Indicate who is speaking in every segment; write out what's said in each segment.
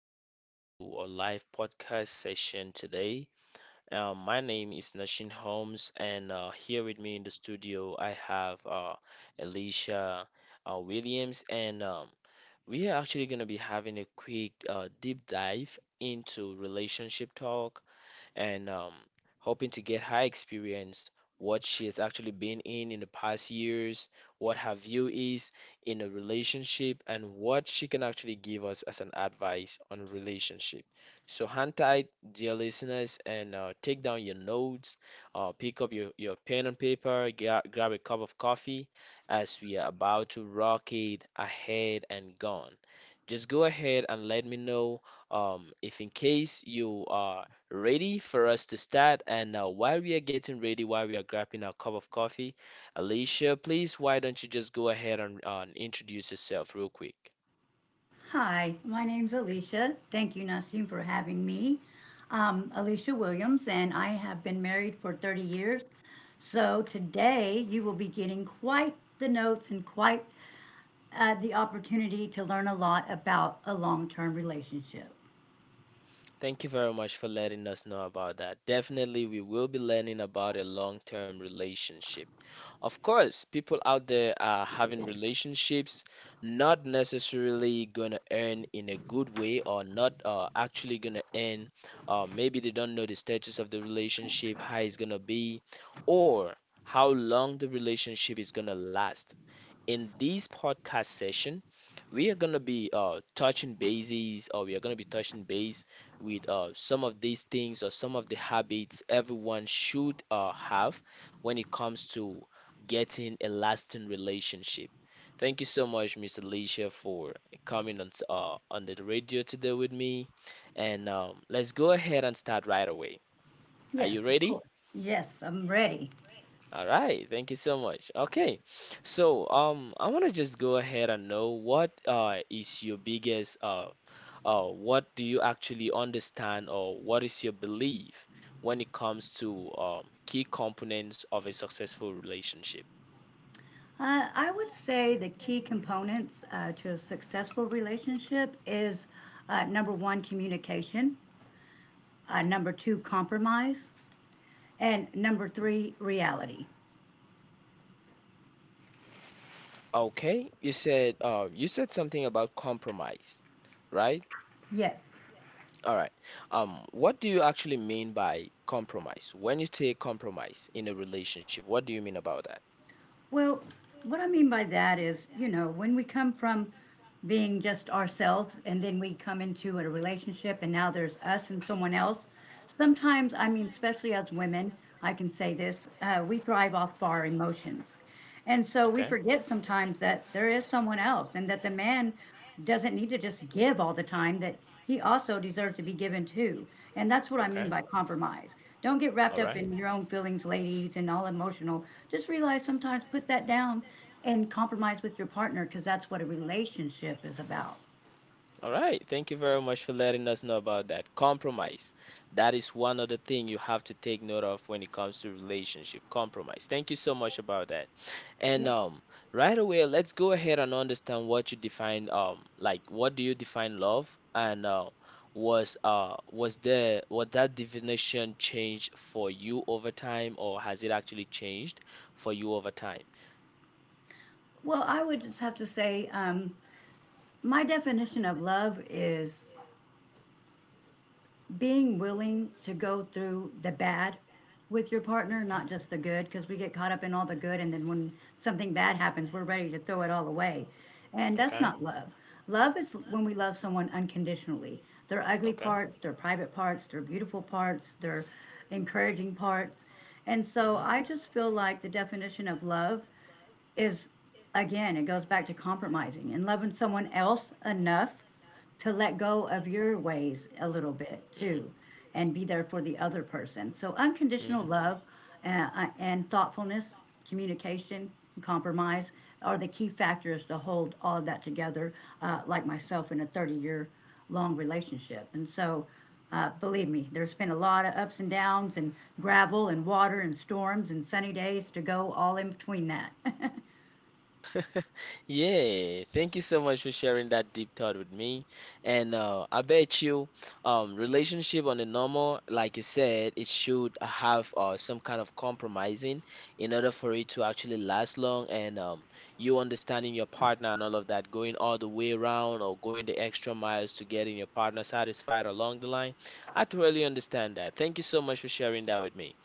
Speaker 1: Welcome to our live podcast session today. My name is Nashin Holmes, and here with me in the studio, I have Alicia Williams, and we are actually going to be having a quick deep dive into relationship talk and hoping to get her experience, what she has actually been in the past years, what her view is in a relationship, and what she can actually give us as an advice on relationship. So hang tight, dear listeners, and take down your notes, pick up your pen and paper, grab a cup of coffee as we are about to rock it ahead and gone. Just go ahead and let me know if in case you are ready for us to start. And while we are getting ready, while we are grabbing our cup of coffee, Alicia, please, why don't you just go ahead and introduce yourself real quick?
Speaker 2: Hi, my name's Alicia. Thank you, Nasheem, for having me. Alicia Williams, and I have been married for 30 years. So today you will be getting quite the notes and quite the opportunity to learn a lot about a long term relationship.
Speaker 1: Thank you very much for letting us know about that. Definitely, we will be learning about a long-term relationship. Of course, people out there are having relationships, not necessarily gonna earn in a good way or not actually gonna earn. Maybe they don't know the status of the relationship, how it's gonna be, or how long the relationship is gonna last in this podcast session, we are gonna be touching bases, or we are gonna be touching base with some of these things or some of the habits everyone should have when it comes to getting a lasting relationship. Thank you so much, Miss Alicia, for coming on on the radio today with me, and let's go ahead and start right away. Are you
Speaker 2: Yes, of
Speaker 1: ready?
Speaker 2: course. Yes, I'm ready.
Speaker 1: All right, thank you so much. Okay, so I want to just go ahead and know what is your biggest what do you actually understand or what is your belief when it comes to key components of a successful relationship?
Speaker 2: I would say the key components to a successful relationship is number one, communication, number two, compromise, and number three, reality.
Speaker 1: Okay, you said something about compromise, right?
Speaker 2: Yes.
Speaker 1: All right. What do you actually mean by compromise? When you say compromise in a relationship, what do you mean about that?
Speaker 2: Well, what I mean by that is, you know, when we come from being just ourselves and then we come into a relationship and now there's us and someone else, sometimes, I mean, especially as women, I can say this, we thrive off our emotions. And so we
Speaker 1: Okay.
Speaker 2: forget sometimes that there is someone else and that the man doesn't need to just give all the time, that he also deserves to be given too. And that's what I mean
Speaker 1: Okay.
Speaker 2: by compromise. Don't get wrapped
Speaker 1: All Don't
Speaker 2: up
Speaker 1: get
Speaker 2: in your own feelings, ladies, and all emotional. Just realize sometimes put that down and compromise with your partner because that's what a relationship is about.
Speaker 1: All right. Thank you very much for letting us know about that. Compromise. That is one other thing you have to take note of when it comes to relationship. Compromise. Thank you so much about that. And
Speaker 2: Yes.
Speaker 1: right away, let's go ahead and understand what you define like what do you define love and was there was that definition changed for you over time or has it actually changed for you over time?
Speaker 2: Well, I would just have to say my definition of love is being willing to go through the bad with your partner, not just the good, because we get caught up in all the good, and then when something bad happens, we're ready to throw it all away. And that's
Speaker 1: Okay. Okay.
Speaker 2: not love. Love is when we love someone unconditionally. Their ugly
Speaker 1: Okay.
Speaker 2: parts, their private parts, their beautiful parts, their encouraging parts. And so
Speaker 1: hmm
Speaker 2: I just feel like the definition of love is again, it goes back to compromising and loving someone else enough to let go of your ways a little bit
Speaker 1: hmm
Speaker 2: too and be there for the other person. So, unconditional
Speaker 1: hmm
Speaker 2: love and thoughtfulness, communication, and compromise are the key factors to hold all of that together, like myself in a 30-year long relationship. And so, believe me, there's been a lot of ups and downs, and gravel, and water, and storms, and sunny days to go all in between that.
Speaker 1: Yeah, thank you so much for sharing that deep thought with me. And I bet you, relationship on the normal, like you said, it should have some kind of compromising in order for it to actually last long. And you understanding your partner and all of that, going all the way around or going the extra miles to getting your partner satisfied along the line. I totally understand that. Thank you so much for sharing that with me.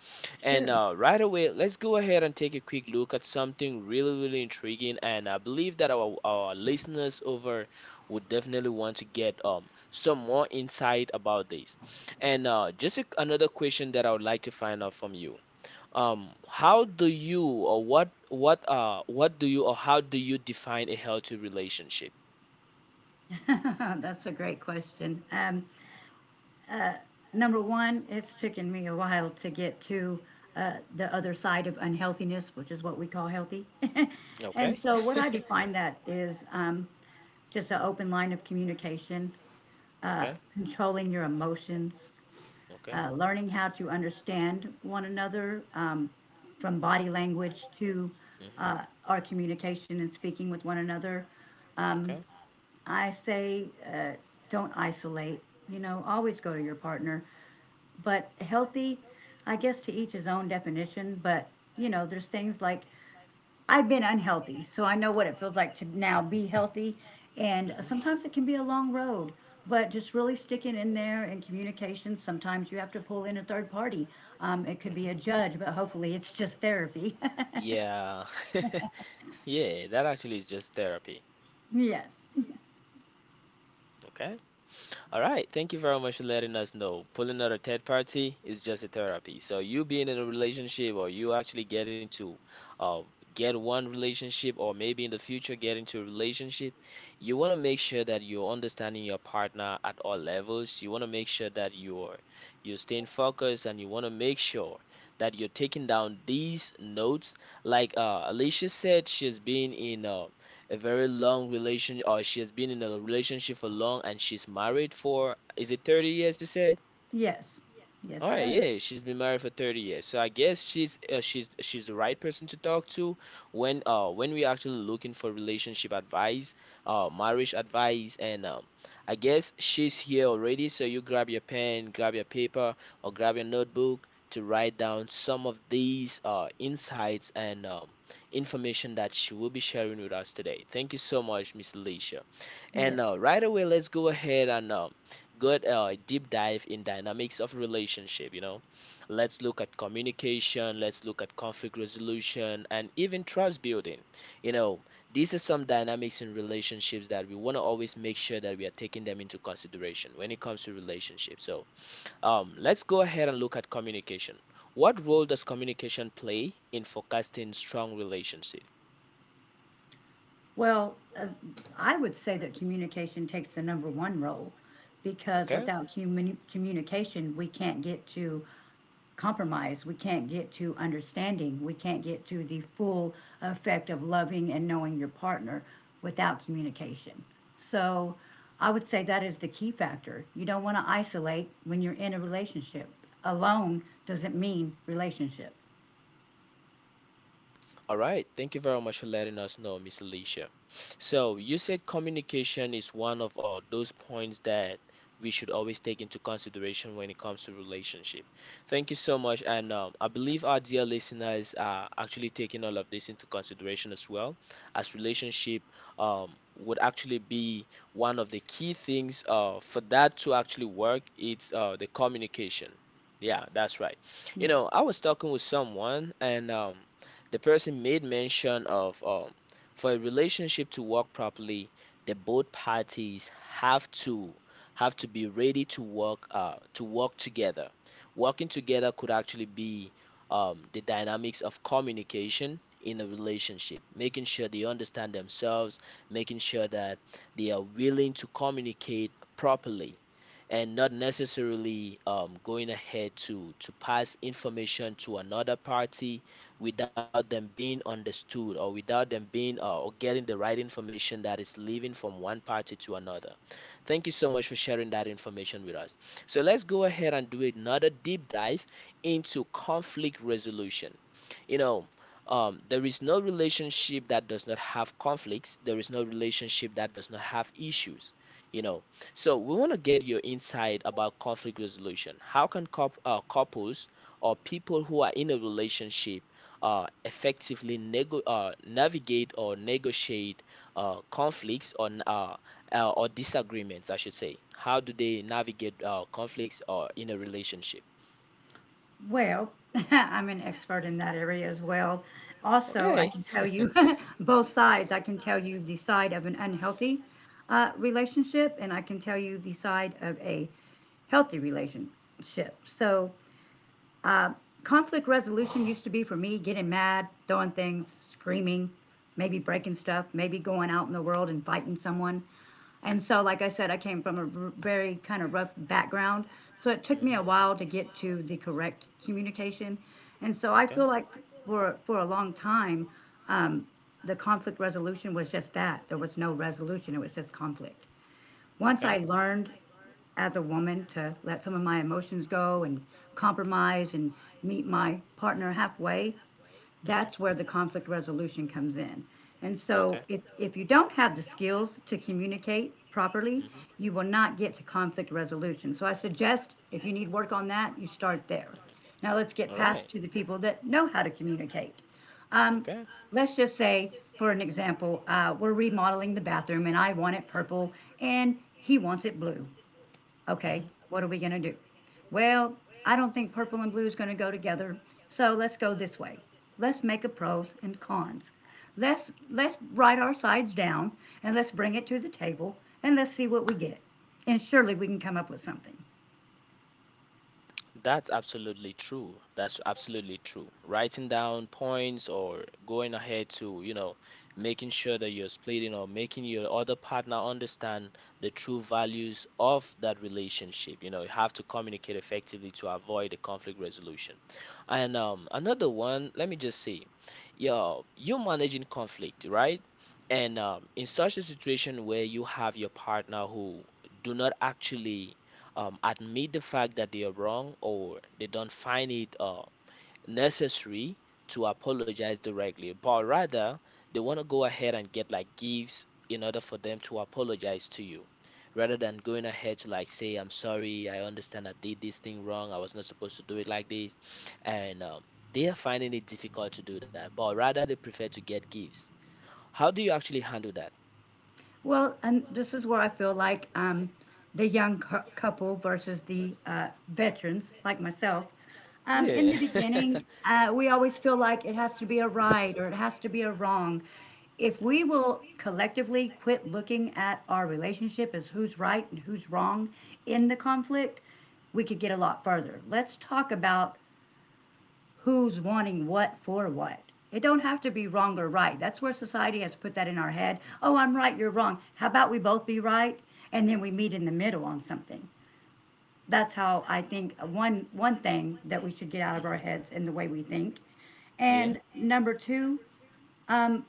Speaker 2: Sure.
Speaker 1: And right away, let's go ahead and take a quick look at something really, really intriguing. And I believe that our listeners over would definitely want to get some more insight about this. And just another question that I would like to find out from you. How do you or what what do you or how do you define a healthy relationship?
Speaker 2: That's a great question. Number one, it's taken me a while to get to the other side of unhealthiness, which is what we call healthy. And
Speaker 1: Okay.
Speaker 2: so, what I define that is just an open line of communication,
Speaker 1: Okay.
Speaker 2: controlling your emotions,
Speaker 1: Okay.
Speaker 2: learning how to understand one another from body language to
Speaker 1: hmm
Speaker 2: uh, our communication and speaking with one another.
Speaker 1: Okay.
Speaker 2: I say, don't isolate. You know, always go to your partner. But healthy, I guess to each his own definition, but you know, there's things like I've been unhealthy, so I know what it feels like to now be healthy. And
Speaker 1: hmm
Speaker 2: sometimes it can be a long road, but just really sticking in there and communication. Sometimes you have to pull in a third party. It could be
Speaker 1: Mhm.
Speaker 2: a judge, but hopefully it's just therapy.
Speaker 1: Yeah. Yeah, that actually is just therapy.
Speaker 2: Yes,
Speaker 1: Okay. All right. Thank you very much for letting us know. Pulling out a third party is just a therapy. So you being in a relationship or you actually getting to uh, get one relationship or maybe in the future get into a relationship, you want to make sure that you're understanding your partner at all levels. You want to make sure that you're staying focused and you want to make sure that you're taking down these notes. Like Alicia said, she's been in a very long relation, or she has been in a relationship for long and she's married for, is it 30 years, you said?
Speaker 2: yes, yes,
Speaker 1: All right,
Speaker 2: sir.
Speaker 1: yeah, she's been married for 30 years. So I guess she's the right person to talk to when when we're actually looking for relationship advice, marriage advice and I guess she's here already, so you grab your pen, grab your paper or grab your notebook to write down some of these insights and information that she will be sharing with us today. Thank you so much, Miss Alicia. And
Speaker 2: Yes.
Speaker 1: right away, let's go ahead and good deep dive in dynamics of relationship. You know, let's look at communication, let's look at conflict resolution, and even trust building. You know, these are some dynamics in relationships that we want to always make sure that we are taking them into consideration when it comes to relationships. So, let's go ahead and look at communication. What role does communication play in forecasting strong relationships?
Speaker 2: Well, I would say that communication takes the number one role because
Speaker 1: Okay.
Speaker 2: without communication, we can't get to compromise. We can't get to understanding. We can't get to the full effect of loving and knowing your partner without communication. So I would say that is the key factor. You don't want to isolate when you're in a relationship. Alone doesn't mean relationship.
Speaker 1: All right, thank you very much for letting us know, Miss Alicia. So, you said communication is one of all those points that we should always take into consideration when it comes to relationship. Thank you so much, and I believe our dear listeners are actually taking all of this into consideration as well, as relationship would actually be one of the key things for that to actually work. It's the communication. Yeah, that's right. You know,
Speaker 2: Yes.
Speaker 1: I was talking with someone, and the person made mention of for a relationship to work properly, the both parties have to have to be ready to work together. Working together could actually be the dynamics of communication in a relationship, making sure they understand themselves, making sure that they are willing to communicate properly and not necessarily going ahead to pass information to another party without them being understood or without them being or getting the right information that is leaving from one party to another. Thank you so much for sharing that information with us. So let's go ahead and do another deep dive into conflict resolution. You know, there is no relationship that does not have conflicts. There is no relationship that does not have issues, you know, so we want to get your insight about conflict resolution. How can couples or people who are in a relationship effectively navigate or negotiate uh, conflicts or, n- uh, or disagreements, I should say, how do they navigate conflicts or in a relationship?
Speaker 2: Well, I'm an expert in that area as well. Also, I
Speaker 1: Okay.
Speaker 2: can tell you both sides. I can tell you the side of an unhealthy relationship, and I can tell you the side of a healthy relationship. So, conflict resolution used to be for me getting mad, throwing things, screaming, maybe breaking stuff, maybe going out in the world and fighting someone. And so, like I said, I came from a very kind of rough background. So it took me
Speaker 1: Mhm.
Speaker 2: a while to get to the correct communication. And so I
Speaker 1: Okay.
Speaker 2: feel like for a long time, um, the conflict resolution was just that. There was no resolution, it was just conflict. Once
Speaker 1: Okay.
Speaker 2: I learned as a woman to let some of my emotions go and compromise and meet my partner halfway,
Speaker 1: Mhm.
Speaker 2: that's where the conflict resolution comes in. And so,
Speaker 1: Okay.
Speaker 2: if you don't have the skills to communicate properly,
Speaker 1: Mhm.
Speaker 2: you will not get to conflict resolution. So, I suggest if you need work on that, you start there.
Speaker 1: Mhm.
Speaker 2: Now, let's get past to the people that know how to communicate.
Speaker 1: Okay.
Speaker 2: Let's just say, for an example, we're remodeling the bathroom and I want it purple and he wants it blue. Okay,
Speaker 1: Mhm.
Speaker 2: what are we going to do? Well, I don't think purple and blue is going to go together, so let's go this way. Let's make a pros and cons. Let's write our sides down and let's bring it to the table and let's see what we get. And surely we can come up with something.
Speaker 1: That's absolutely true. That's absolutely true. Writing down points or going ahead to, you know, making sure that you're splitting or making your other partner understand the true values of that relationship. You know, you have to communicate effectively to avoid the conflict resolution. And another one, let me just say, yo, you're managing conflict, right? And in such a situation where you have your partner who do not actually admit the fact that they are wrong or they don't find it necessary to apologize directly, but rather they want to go ahead and get like gifts in order for them to apologize to you. Rather than going ahead to like say, I'm sorry, I understand I did this thing wrong, I was not supposed to do it like this. And they are finding it difficult to do that, but rather they prefer to get gifts. How do you actually handle that?
Speaker 2: Well, and this is where I feel like the young couple versus the veterans, like myself. In
Speaker 1: Yeah.
Speaker 2: the beginning, we always feel like it has to be a right or it has to be a wrong. If we will collectively quit looking at our relationship as who's right and who's wrong in the conflict, we could get a lot further. Let's talk about who's wanting what for what. It don't have to be wrong or right. That's where society has put that in our head. Oh, I'm right, you're wrong. How about we both be right and then we meet in the middle on something. That's how I think one thing that we should get out of our
Speaker 1: Mhm.
Speaker 2: heads and the way we think.
Speaker 1: Yeah.
Speaker 2: And number two,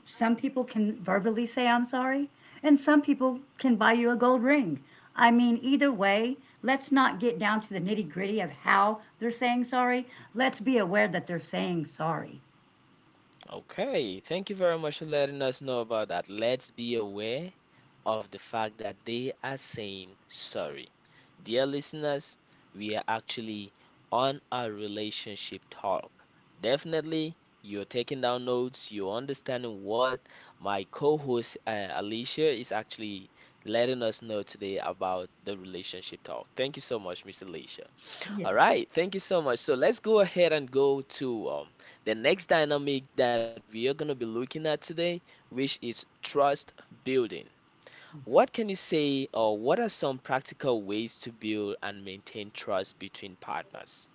Speaker 2: some people can verbally say I'm sorry and some people can buy you a gold ring. I mean, either way, let's not get down to the nitty-gritty of how they're saying sorry. Let's be aware that they're saying sorry.
Speaker 1: Okay. Thank you very much for letting us know about that. Let's be aware of the fact that they are saying sorry. Dear listeners, we are actually on our relationship talk. Definitely, you're taking down notes, you're understanding what my co-host, Alicia, is actually letting us know today about the relationship talk. Thank you so much, Miss Alicia. All
Speaker 2: Yes.
Speaker 1: right, thank you so much. So let's go ahead and go to the next dynamic that we are going to be looking at today, which is trust building. What can you say, or what are some practical ways to build and maintain trust between partners?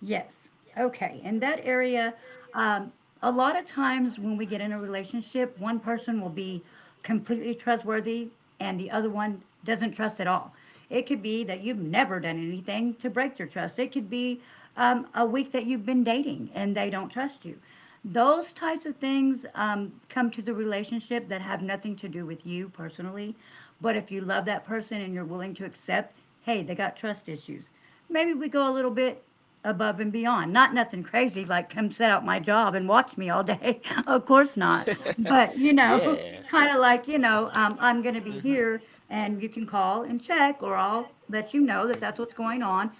Speaker 2: Yes. Okay. In that area, um, a lot of times when we get in a relationship, one person will be completely trustworthy and the other one doesn't trust at all. It could be that you've never done anything to break their trust. It could be a week that you've been dating and they don't trust you. Those types of things come to the relationship that have nothing to do with you personally. But if you love that person and you're willing to accept, hey, they got trust issues, maybe we go a little bit above and beyond. Not nothing crazy like come set out my job and watch me all day. Of course not. But you know,
Speaker 1: Yeah.
Speaker 2: kind of like you know, I'm going to be
Speaker 1: Mhm.
Speaker 2: here and you can call and check, or I'll let you know that that's
Speaker 1: Mhm.
Speaker 2: what's going on,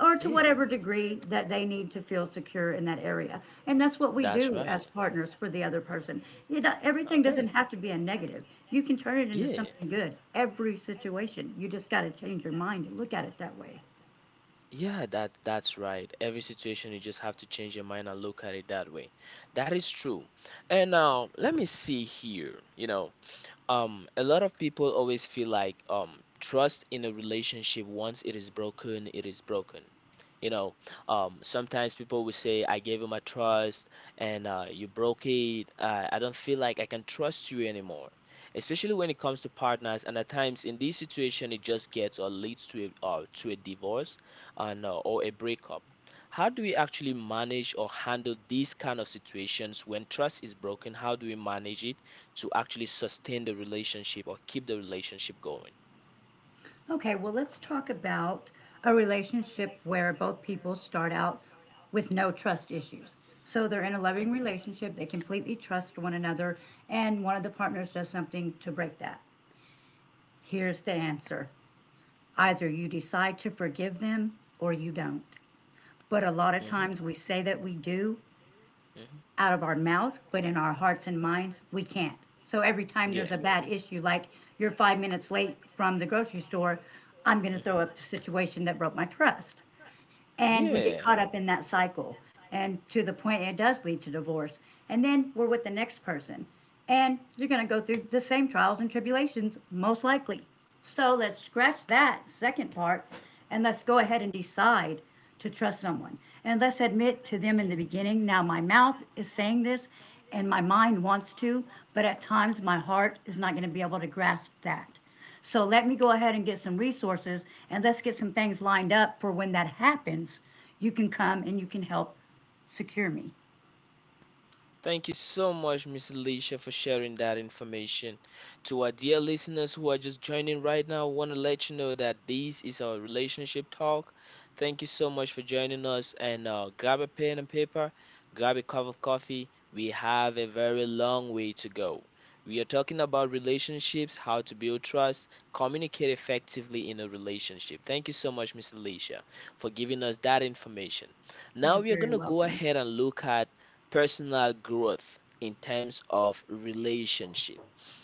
Speaker 2: or to
Speaker 1: Yeah,
Speaker 2: whatever degree that they need to feel secure in that area. And that's what we
Speaker 1: that's
Speaker 2: do as
Speaker 1: right.
Speaker 2: partners for the other person. You know, everything
Speaker 1: Okay.
Speaker 2: doesn't have to be a negative. You can turn it into
Speaker 1: Yeah.
Speaker 2: something good. Every situation. You just got to change your mind and look at it that way.
Speaker 1: Yeah, that's right. Every situation you just have to change your mind and look at it that way. That is true. And now let me see here. A lot of people always feel like trust in a relationship once it is broken, it is broken. You know, Sometimes people will say, I gave you my trust and you broke it. I don't feel like I can trust you anymore. Especially when it comes to partners, and at times in this situation, it just gets or leads to to a divorce and or a breakup. How do we actually manage or handle these kind of situations when trust is broken? How do we manage it to actually sustain the relationship or keep the relationship going?
Speaker 2: Okay, well, let's talk about a relationship where both people start out with no trust issues. So they're in a
Speaker 1: Okay.
Speaker 2: loving relationship, they completely trust one another, and one of the partners does something to break that. Here's the answer, either you decide to forgive them or you don't. But a lot of
Speaker 1: Mhm.
Speaker 2: times we say that we do,
Speaker 1: Mhm.
Speaker 2: out of our mouth, but in our hearts and minds, we can't. So every time there's
Speaker 1: Yeah.
Speaker 2: a bad issue, like you're 5 minutes late from the grocery store, I'm going to throw up
Speaker 1: Mhm.
Speaker 2: the situation that broke my trust, and we get
Speaker 1: Yeah.
Speaker 2: caught up in that cycle and to the point it does lead to divorce, and then we're with the next person and you're going to go through the same trials and tribulations most likely, so let's scratch that second part and let's go ahead and decide to trust someone, and let's admit to them in the
Speaker 1: Mhm.
Speaker 2: beginning, now my mouth is saying this and my mind wants to, but at times my heart is not going to be able to grasp that, so let me go ahead and get some resources and let's get some things lined up for when that happens. You can come and you can help secure me.
Speaker 1: Thank you so much, Miss Alicia, for sharing that information. To our dear listeners who are just joining right now, I want to let you know that this is our relationship talk. Thank you so much for joining us and grab a pen and paper, grab a cup of coffee. We have a very long way to go. We are talking about relationships, how to build trust, communicate effectively in a relationship. Thank you so much, Miss Alicia, for giving us that information.
Speaker 2: You're
Speaker 1: Now we are
Speaker 2: very
Speaker 1: going to go
Speaker 2: welcome.
Speaker 1: ahead and look at personal growth in terms of relationship,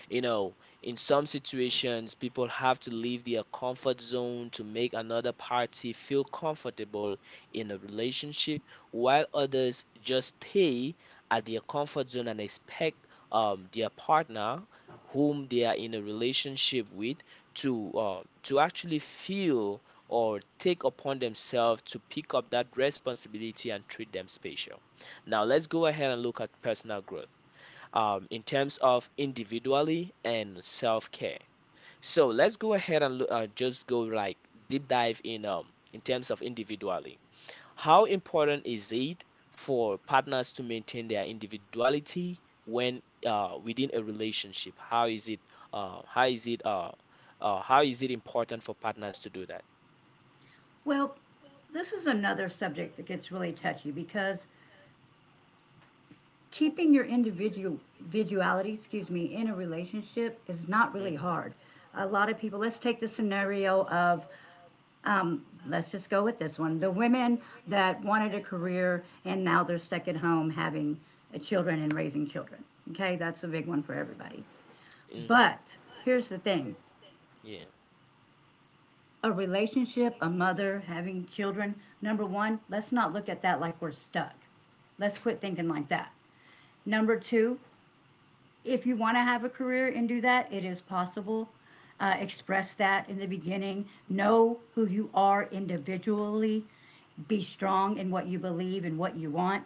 Speaker 1: you know, in some situations, people have to leave their comfort zone to make another party feel comfortable in a relationship, while others just stay at their comfort zone and expect their partner, whom they are in a relationship with, to actually feel or take upon themselves to pick up that responsibility and treat them special. Now, let's go ahead and look at personal growth in terms of individually and self-care. So let's go ahead and just go like deep dive in terms of individually. How important is it for partners to maintain their individuality when within a relationship? How is it uh, how is it uh, how is it important for partners to do that?
Speaker 2: Well, this is another subject that gets really touchy because keeping your individuality, excuse me, in a relationship is not really
Speaker 1: Hmm.
Speaker 2: hard. A lot of people, let's take the scenario of, let's just go with this one. The women that wanted a career and now they're stuck at home having children and raising children. Okay, that's a big one for everybody.
Speaker 1: Hmm.
Speaker 2: But here's the thing,
Speaker 1: Yeah.
Speaker 2: a relationship, a mother, having children, #1, let's not look at that like we're stuck. Let's quit thinking like that. #2, if you want to have a career and do that, it is possible. Express that in the beginning. Know who you are individually. Be strong in what you believe and what you want,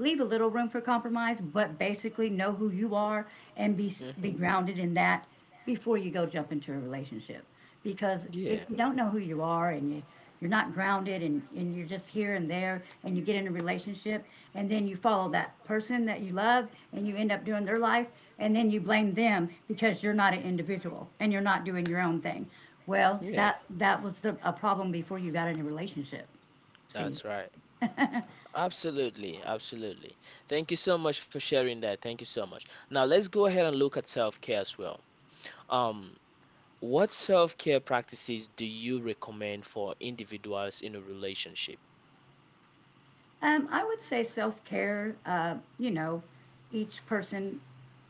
Speaker 2: leave a little room for compromise, but basically know who you are and be
Speaker 1: Hmm.
Speaker 2: be grounded in that before you go jump into a relationship. Because
Speaker 1: Yeah.
Speaker 2: if you don't know who you are and you're not grounded and you're just here and there and you get in a relationship and then you follow that person that you love and you end up doing their life and then you blame them because you're not an individual and you're not doing your own thing. Well,
Speaker 1: Yeah,
Speaker 2: that was a problem before you got in a relationship. See.
Speaker 1: that's right. Absolutely, absolutely. Thank you so much for sharing that. Thank you so much. Now let's go ahead and look at self-care as well. Um, what self-care practices do you recommend for individuals in a relationship?
Speaker 2: I would say self care. You know, each person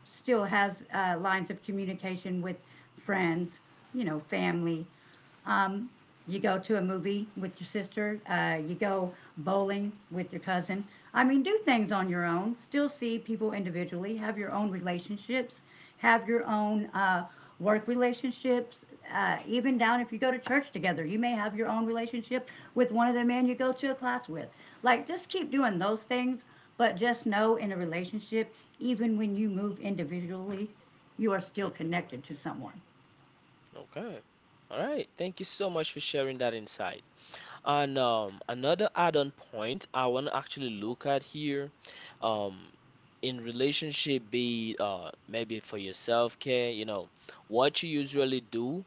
Speaker 2: still has lines of communication with friends, you know, family. Um, you go to a movie with your sister. You go bowling with your cousin. I mean, do things on your own. Still see people individually. Have your own relationships. Have your own work relationships. Even down if you go to church together, you may have your own relationship with one of the men you go to a class with. Like, just keep doing those things. But just know in a relationship, even when you move individually, you are still
Speaker 1: Hmm.
Speaker 2: connected to someone.
Speaker 1: Okay. All right. Thank you so much for sharing that insight. And another add-on point I want to actually look at here, um, in relationship, be maybe for your self-care, you know, what you usually do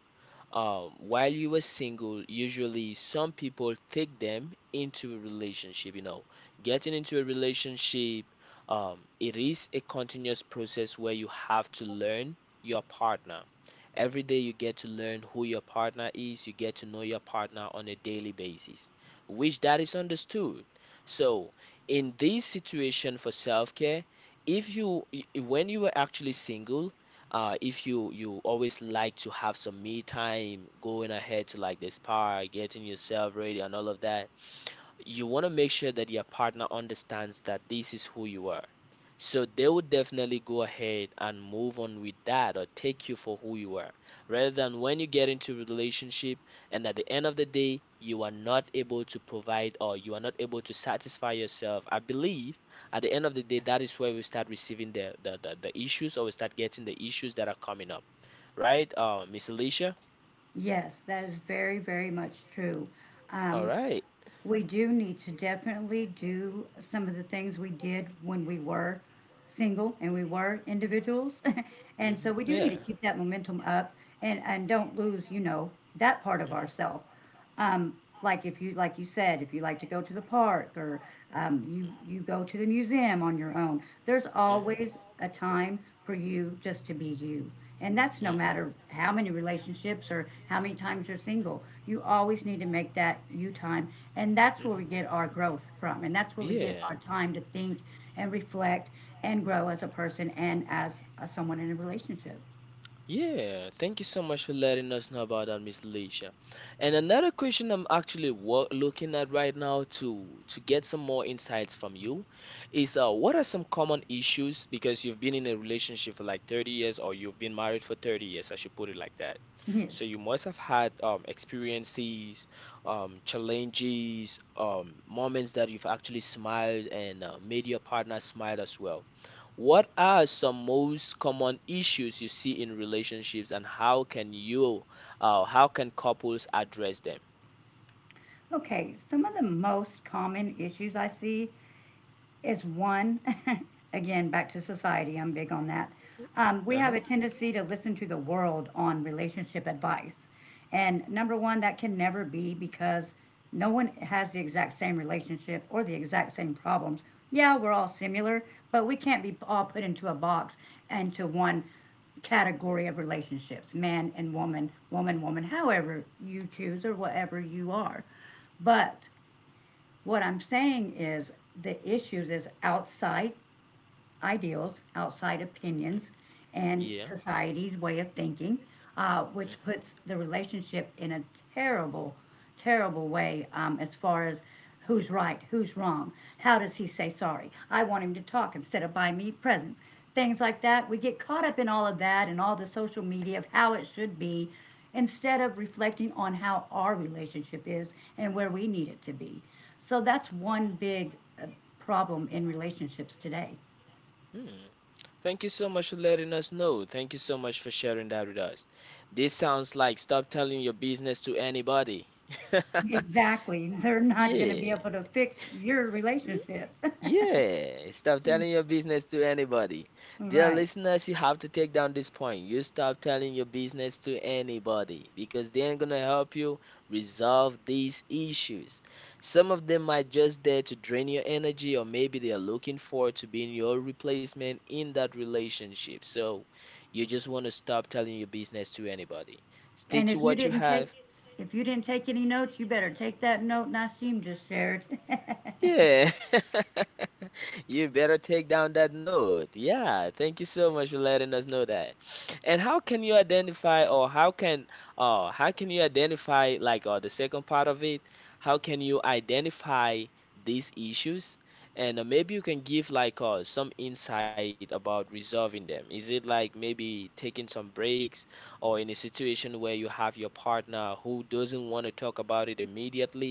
Speaker 1: while you are single, usually some people take them into a relationship, you know. Getting into a relationship, it is a continuous process where you have to learn your partner. Every day you get to learn who your partner is, you get to know your partner on a daily basis, which that is understood. So, in this situation for self-care, if you I- when you were actually single, if you always like to have some me time, going ahead to like the spa, getting yourself ready and all of that, you want to make sure that your partner understands that this is who you are. So they would definitely go ahead and move on with that or take you for who you are, rather than when you get into a relationship and at the end of the day, you are not able to provide or you are not able to satisfy yourself. I believe at the end of the day, that is where we start receiving the issues or we start getting the issues that are coming up, right? Miss Alicia?
Speaker 2: Yes, that is very, very much true.
Speaker 1: All
Speaker 2: Um,
Speaker 1: right.
Speaker 2: we do need to definitely do some of the things we did when we were single and we were individuals. And
Speaker 1: Mm-hmm.
Speaker 2: so we do need to
Speaker 1: Yeah.
Speaker 2: keep that momentum up and don't lose, you know, that part of
Speaker 1: Mhm.
Speaker 2: ourselves. Um, like if you like you said, if you like to go to the park or um, you go to the museum on your own, there's
Speaker 1: Mhm.
Speaker 2: always a time for you just to be you. And that's
Speaker 1: Mhm.
Speaker 2: no
Speaker 1: Mhm.
Speaker 2: matter how many relationships or how many times you're single. You always need to make that you time. And that's where we get our growth from. And that's where we get
Speaker 1: Yeah.
Speaker 2: our time to think and reflect and grow as a person and as someone in a relationship.
Speaker 1: Yeah, thank you so much for letting us know about that, Miss Alicia. And another question I'm actually looking at right now to get some more insights from you is what are some common issues, because you've been in a relationship for like 30 years or you've been married for 30 years, I should put it like that. So
Speaker 2: Yes.
Speaker 1: you must have had experiences, challenges, moments that you've actually smiled and made your partner smile as well. What are some most common issues you see in relationships and how can you how can couples address them?
Speaker 2: Okay, some of the most common issues I see is one, again, back to society, I'm big on that. We
Speaker 1: Uh-huh.
Speaker 2: have a tendency to listen to the world on relationship advice. And #1, that can never be because no one has the exact same relationship or the exact same problems. Yeah, we're all similar, but we can't be all put into a box, into one category of relationships, man and woman, woman, woman, however you choose or whatever you are. But what I'm saying is the issues is outside ideals, outside opinions, and
Speaker 1: Yeah.
Speaker 2: society's way of thinking, which
Speaker 1: Mhm.
Speaker 2: puts the relationship in a terrible, terrible way as far as who's right, who's wrong, how does he say sorry? I want him to talk instead of buy me presents. Things like that. We get caught up in all of that and all the social media of how it should be instead of reflecting on how our relationship is and where we need it to be. So that's one big uh, problem in relationships today.
Speaker 1: Hmm. Thank you so much for letting us know. Thank you so much for sharing that with us. This sounds like stop telling your business to anybody.
Speaker 2: Exactly. They're not gonna be
Speaker 1: Yeah.
Speaker 2: able to fix your relationship.
Speaker 1: Yeah, stop telling your business to anybody. Dear
Speaker 2: Right.
Speaker 1: listeners, you have to take down this point. You stop telling your business to anybody because they ain't gonna help you resolve these issues. Some of them might just there to drain your energy, or maybe they are looking for to be your replacement in that relationship. So you just want to stop telling your business to anybody. Stick
Speaker 2: And
Speaker 1: to
Speaker 2: if you
Speaker 1: what you
Speaker 2: didn't take,
Speaker 1: have.
Speaker 2: any notes, you better take that note Nassim just shared.
Speaker 1: Yeah. You better take down that note. Yeah, thank you so much for letting us know that. And how can you identify or how can you identify like the second part of it? How can you identify these issues? And maybe you can give like some insight about resolving them. Is it like maybe taking some breaks or in a situation where you have your partner who doesn't want to talk about it immediately?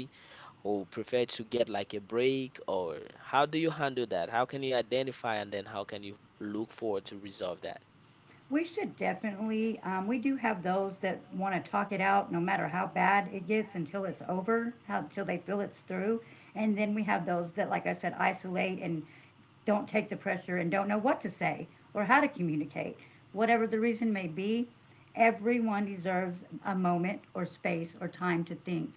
Speaker 1: Who prefer to get like a break or how do you handle that? How can you identify and then how can you look forward to resolve that?
Speaker 2: We should definitely. We do have those that want to talk it out, no matter how bad it gets, until it's over, how, until they feel it's through, and then we have those that, like I said, isolate and don't take the pressure and don't know what to say or how to communicate. Whatever the reason may be, everyone deserves a moment or space or time to think.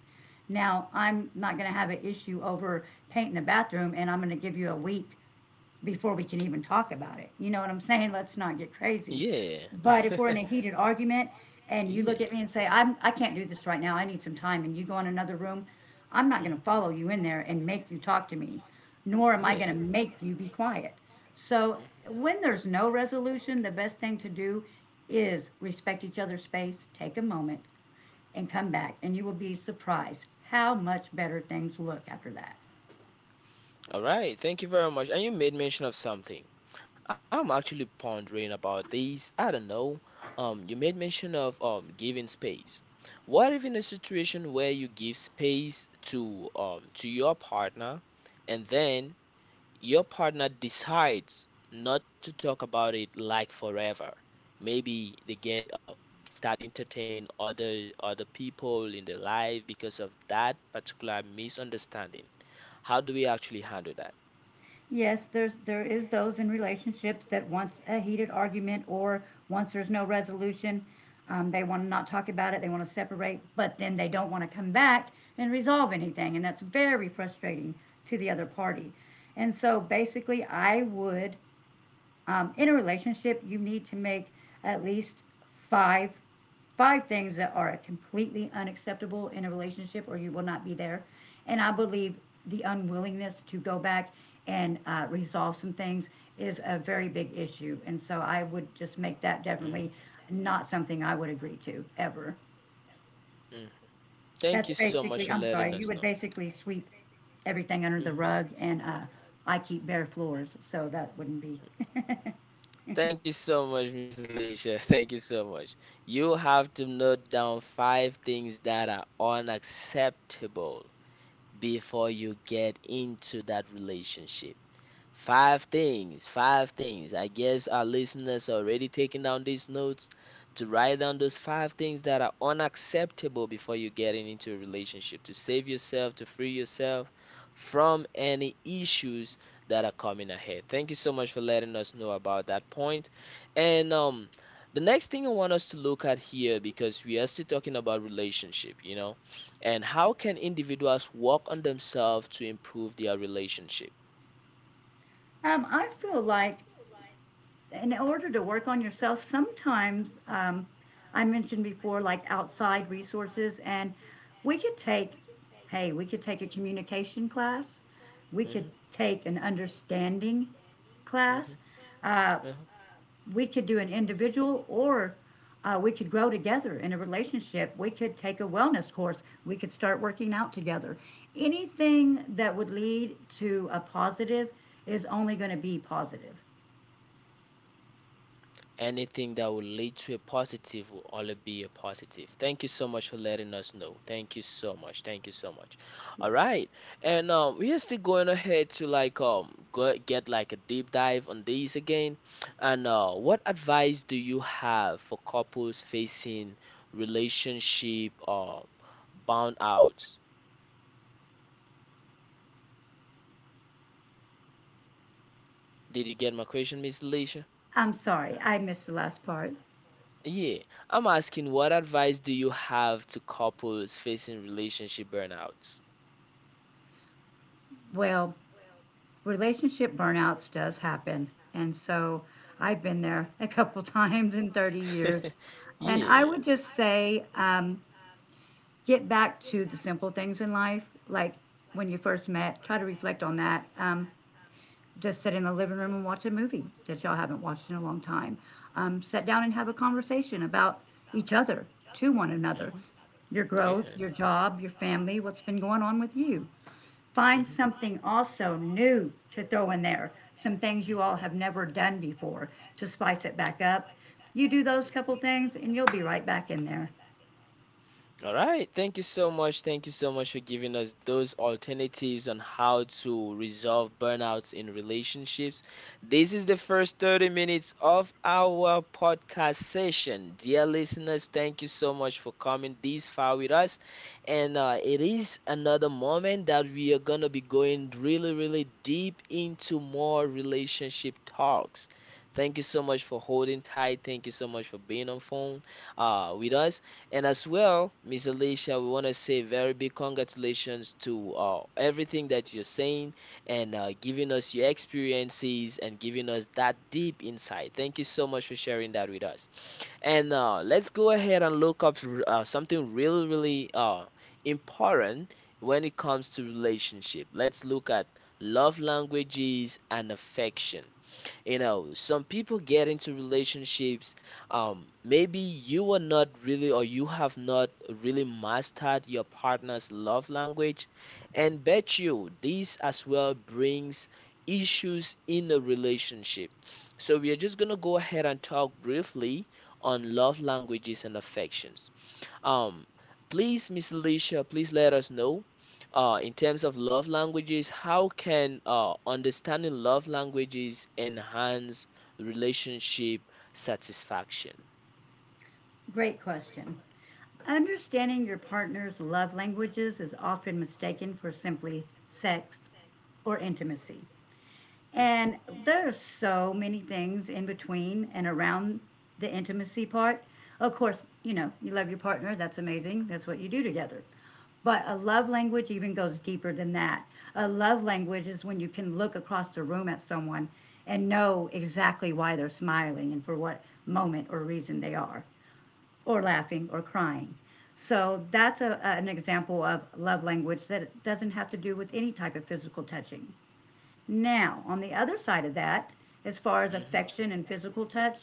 Speaker 2: Now, I'm not going to have an issue over painting the bathroom and I'm going to give you a week before we can even talk about it. You know what I'm saying? Let's not get crazy.
Speaker 1: Yeah.
Speaker 2: But if we're in a heated argument and you look
Speaker 1: Yeah.
Speaker 2: at me and say, I can't do this right now, I need some time, and you go in another room, I'm not going to
Speaker 1: Mhm.
Speaker 2: follow you in there and make you talk to me, nor am I
Speaker 1: Yeah.
Speaker 2: going to make you be quiet. So
Speaker 1: Mhm.
Speaker 2: when there's no resolution, the best thing to do is respect each other's space, take a moment, and come back, and you will be surprised how much better things look after that.
Speaker 1: All right, thank you very much. And you made mention of something. I'm actually pondering about these. I don't know. You made mention of giving space. What if in a situation where you give space to your partner and then your partner decides not to talk about it like forever? Maybe they get they start entertaining other people in their life because of that particular misunderstanding. How do we actually handle that?
Speaker 2: Yes, there is those in relationships that once a heated argument or once there's no resolution, they want to not talk about it. They want to separate, but then they don't want to come back and resolve anything, and that's very frustrating to the other party. And so basically, I would, in a relationship, you need to make at least five, things that are completely unacceptable in a relationship, or you will not be there. And I believe the unwillingness to go back and resolve some things is a very big issue. And so I would just make that
Speaker 1: Mhm.
Speaker 2: definitely not something I would agree to ever.
Speaker 1: Mhm. Thank
Speaker 2: That's
Speaker 1: you so much
Speaker 2: basically,
Speaker 1: for
Speaker 2: I'm sorry,
Speaker 1: letting
Speaker 2: you
Speaker 1: us
Speaker 2: would
Speaker 1: know.
Speaker 2: basically sweep everything under the
Speaker 1: Mhm.
Speaker 2: rug, and I keep bare floors, so that wouldn't be.
Speaker 1: Thank you so much, Miss Alicia. Thank you so much. You have to note down five things that are unacceptable before you get into that relationship. Five things, five things. I guess our listeners are already taking down these notes to write down those five things that are unacceptable before you get into a relationship to save yourself, to free yourself from any issues that are coming ahead. Thank you so much for letting us know about that point. And the next thing I want us to look at here, because we are still talking about relationship, you know, and how can individuals work on themselves to improve their relationship?
Speaker 2: I feel like in order to work on yourself, sometimes I mentioned before, like outside resources, and we could take, hey, we could take a communication class, we could
Speaker 1: Hmm.
Speaker 2: take an understanding class,
Speaker 1: Hmm.
Speaker 2: uh,
Speaker 1: Uh-huh.
Speaker 2: we could do an individual, or we could grow together in a relationship, we could take a wellness course, we could start working out together. Anything that would lead to a positive is only going to be positive.
Speaker 1: Anything that will lead to a positive will only be a positive. Thank you so much for letting us know. Thank you so much. Thank you so much. All
Speaker 2: Yes.
Speaker 1: right. And we are still going ahead to like go, get like a deep dive on these again. And what advice do you have for couples facing relationship bound outs? Did you get my question, Miss Alicia?
Speaker 2: I'm sorry, I missed the last part.
Speaker 1: Yeah, I'm asking what advice do you have to couples facing relationship burnouts?
Speaker 2: Well, relationship burnouts does happen. And so I've been there a couple times in 30 years. And I
Speaker 1: years. Yeah.
Speaker 2: would just say get back to the simple things in life, like when you first met, try to reflect on that. Just sit in the living room and watch a movie that y'all haven't watched in a long time. Sit down and have a conversation about each other, to one another, your
Speaker 1: Your
Speaker 2: growth,
Speaker 1: Yeah.
Speaker 2: your job, your family, what's been going on with you. Find
Speaker 1: Hmm.
Speaker 2: something also new to throw in there, some things you all have never done before to spice it back up. You do those couple things and you'll be right back in there.
Speaker 1: All right. Thank you so much. Thank you so much for giving us those alternatives on how to resolve burnouts in relationships. This is the first 30 minutes of our podcast session. Dear listeners, thank you so much for coming this far with us. And it is another moment that we are going to be going really, really deep into more relationship talks. Thank you so much for holding tight. Thank you so much for being on phone with us. And as well, Miss Alicia, we want to say very big congratulations to everything that you're saying and giving us your experiences and giving us that deep insight. Thank you so much for sharing that with us. And let's go ahead and look up something really, really important when it comes to relationship. Let's look at love languages and affection. You know, some people get into relationships. Maybe you are not really, or you have not really mastered your partner's love language, and bet you this as well brings issues in a relationship. So we are just gonna go ahead and talk briefly on love languages and affections. Um, Please, Miss Alicia, please let us know, in terms of love languages, how can understanding love languages enhance relationship satisfaction?
Speaker 2: Great question. Understanding your partner's love languages is often mistaken for simply sex or intimacy. And there's so many things in between and around the intimacy part. Of course, you know, you love your partner, that's amazing. That's what you do together. But a love language even goes deeper than that. A love language is when you can look across the room at someone and know exactly why they're smiling and for what moment or reason they are, or laughing or crying. So that's an example of love language that doesn't have to do with any type of physical touching. Now, on the other side of that, as far as
Speaker 1: Mhm, mhm,
Speaker 2: affection and physical touch,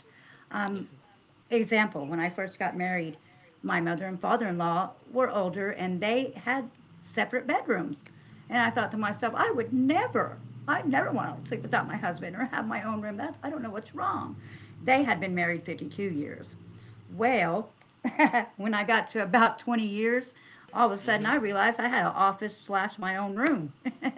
Speaker 1: mhm,
Speaker 2: um,
Speaker 1: mhm,
Speaker 2: example, when I first got married, my mother and father in law were older and they had separate bedrooms. And I thought to myself, I would never want to sleep without my husband or have my own room. That's, I don't know what's wrong. They had been married 52 years. Well, when I got to about 20 years, all of a
Speaker 1: mhm,
Speaker 2: sudden
Speaker 1: mhm,
Speaker 2: I realized I had an office slash my own room.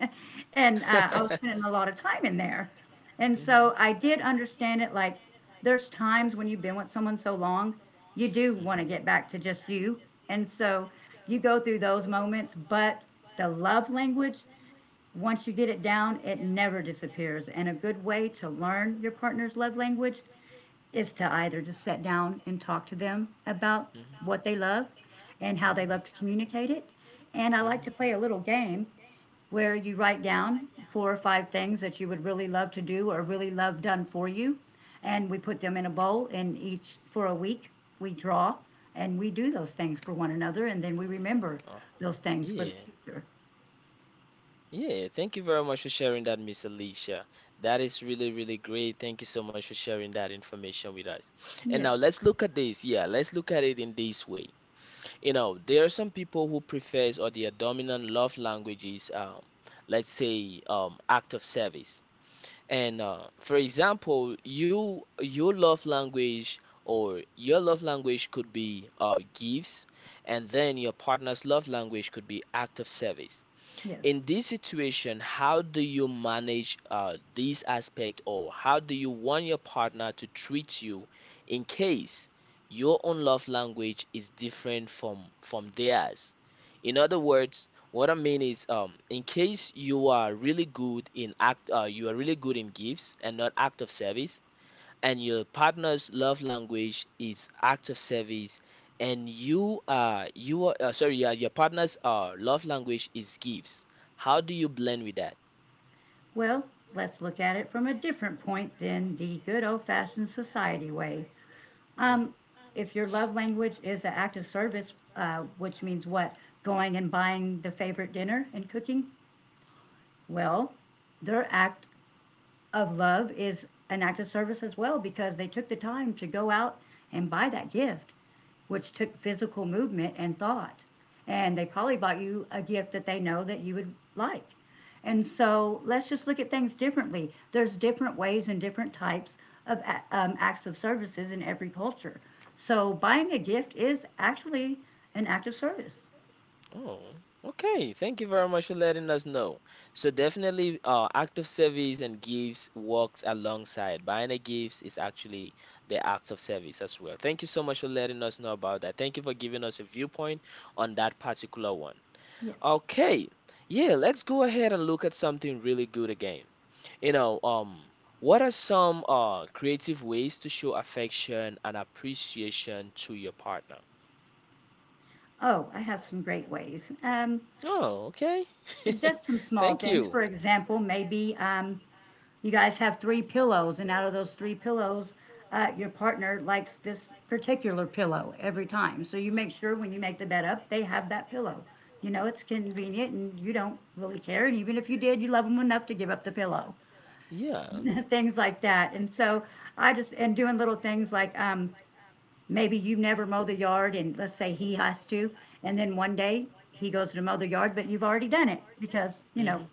Speaker 2: And I was spending a lot of time in there. And
Speaker 1: mhm, mhm.
Speaker 2: so I did understand it like there's times when you've been with someone so long, you do want to get back to just you. And so you go through those moments, but the love language, once you get it down, it never disappears. And a good way to learn your partner's love language is to either just sit down and talk to them about what they love and how
Speaker 1: Mhm.
Speaker 2: they love to communicate it. And I like to play a little game where you write down 4 or 5 things that you would really love to do or really love done for you. And we put them in a bowl, and each for a week we draw and we do those things for one another. And then we remember
Speaker 1: Uh,
Speaker 2: those things for the
Speaker 1: yeah.
Speaker 2: future.
Speaker 1: Yeah, thank you very much for sharing that, Miss Alicia. That is really, really great. Thank you so much for sharing that information with us. And now
Speaker 2: Yes,
Speaker 1: let's look at this. Yeah, let's look at it in this way. You know, there are some people who prefers or their dominant love language is, let's say, act of service. And for example, your love language or your love language could be gifts, and then your partner's love language could be act of service
Speaker 2: yes.
Speaker 1: in this situation, how do you manage this aspect, or how do you want your partner to treat you in case your own love language is different from theirs? In other words, what I mean is, in case you are really good in you are really good in gifts and not act of service, and your partner's love language is act of service and you are sorry yeah, your partner's love language is gifts. How do you blend with that?
Speaker 2: Well, let's look at it from a different point than the good old fashioned society way.
Speaker 1: Hmm.
Speaker 2: If your love language is an act of service, which means what? Going and buying the favorite dinner and cooking? Well, their act of love is an act of service as well because they took the time to go out and buy that gift, which took physical movement and thought. And they probably bought you a gift that they know that you would like. And so let's just look at things differently. There's different ways and different types of acts of services in every culture. So buying a gift is actually an act of service.
Speaker 1: Oh, okay, thank you very much for letting us know. So definitely act of service and gifts works alongside. Buying a gifts is actually the act of service as well. Thank you so much for letting us know about that. Thank you for giving us a viewpoint on that particular one. Okay. Yeah, let's go ahead and look at something really good again. You know, what are some creative ways to show affection and appreciation to your partner?
Speaker 2: Oh, I have some great ways.
Speaker 1: Oh, okay.
Speaker 2: Just some small
Speaker 1: Thank
Speaker 2: things.
Speaker 1: you.
Speaker 2: For example, maybe you guys have three pillows, and out of those three pillows, your partner likes this particular pillow every time. So you make sure when you make the bed up, they have that pillow. You know, it's convenient and you don't really care. And even if you did, you love them enough to give up the pillow,
Speaker 1: Yeah.
Speaker 2: things like that. And so I just, and doing little things like maybe you never mow the yard, and let's say he has to, and then one day he goes to mow the yard, but you've already done it because, you know,
Speaker 1: Hmm.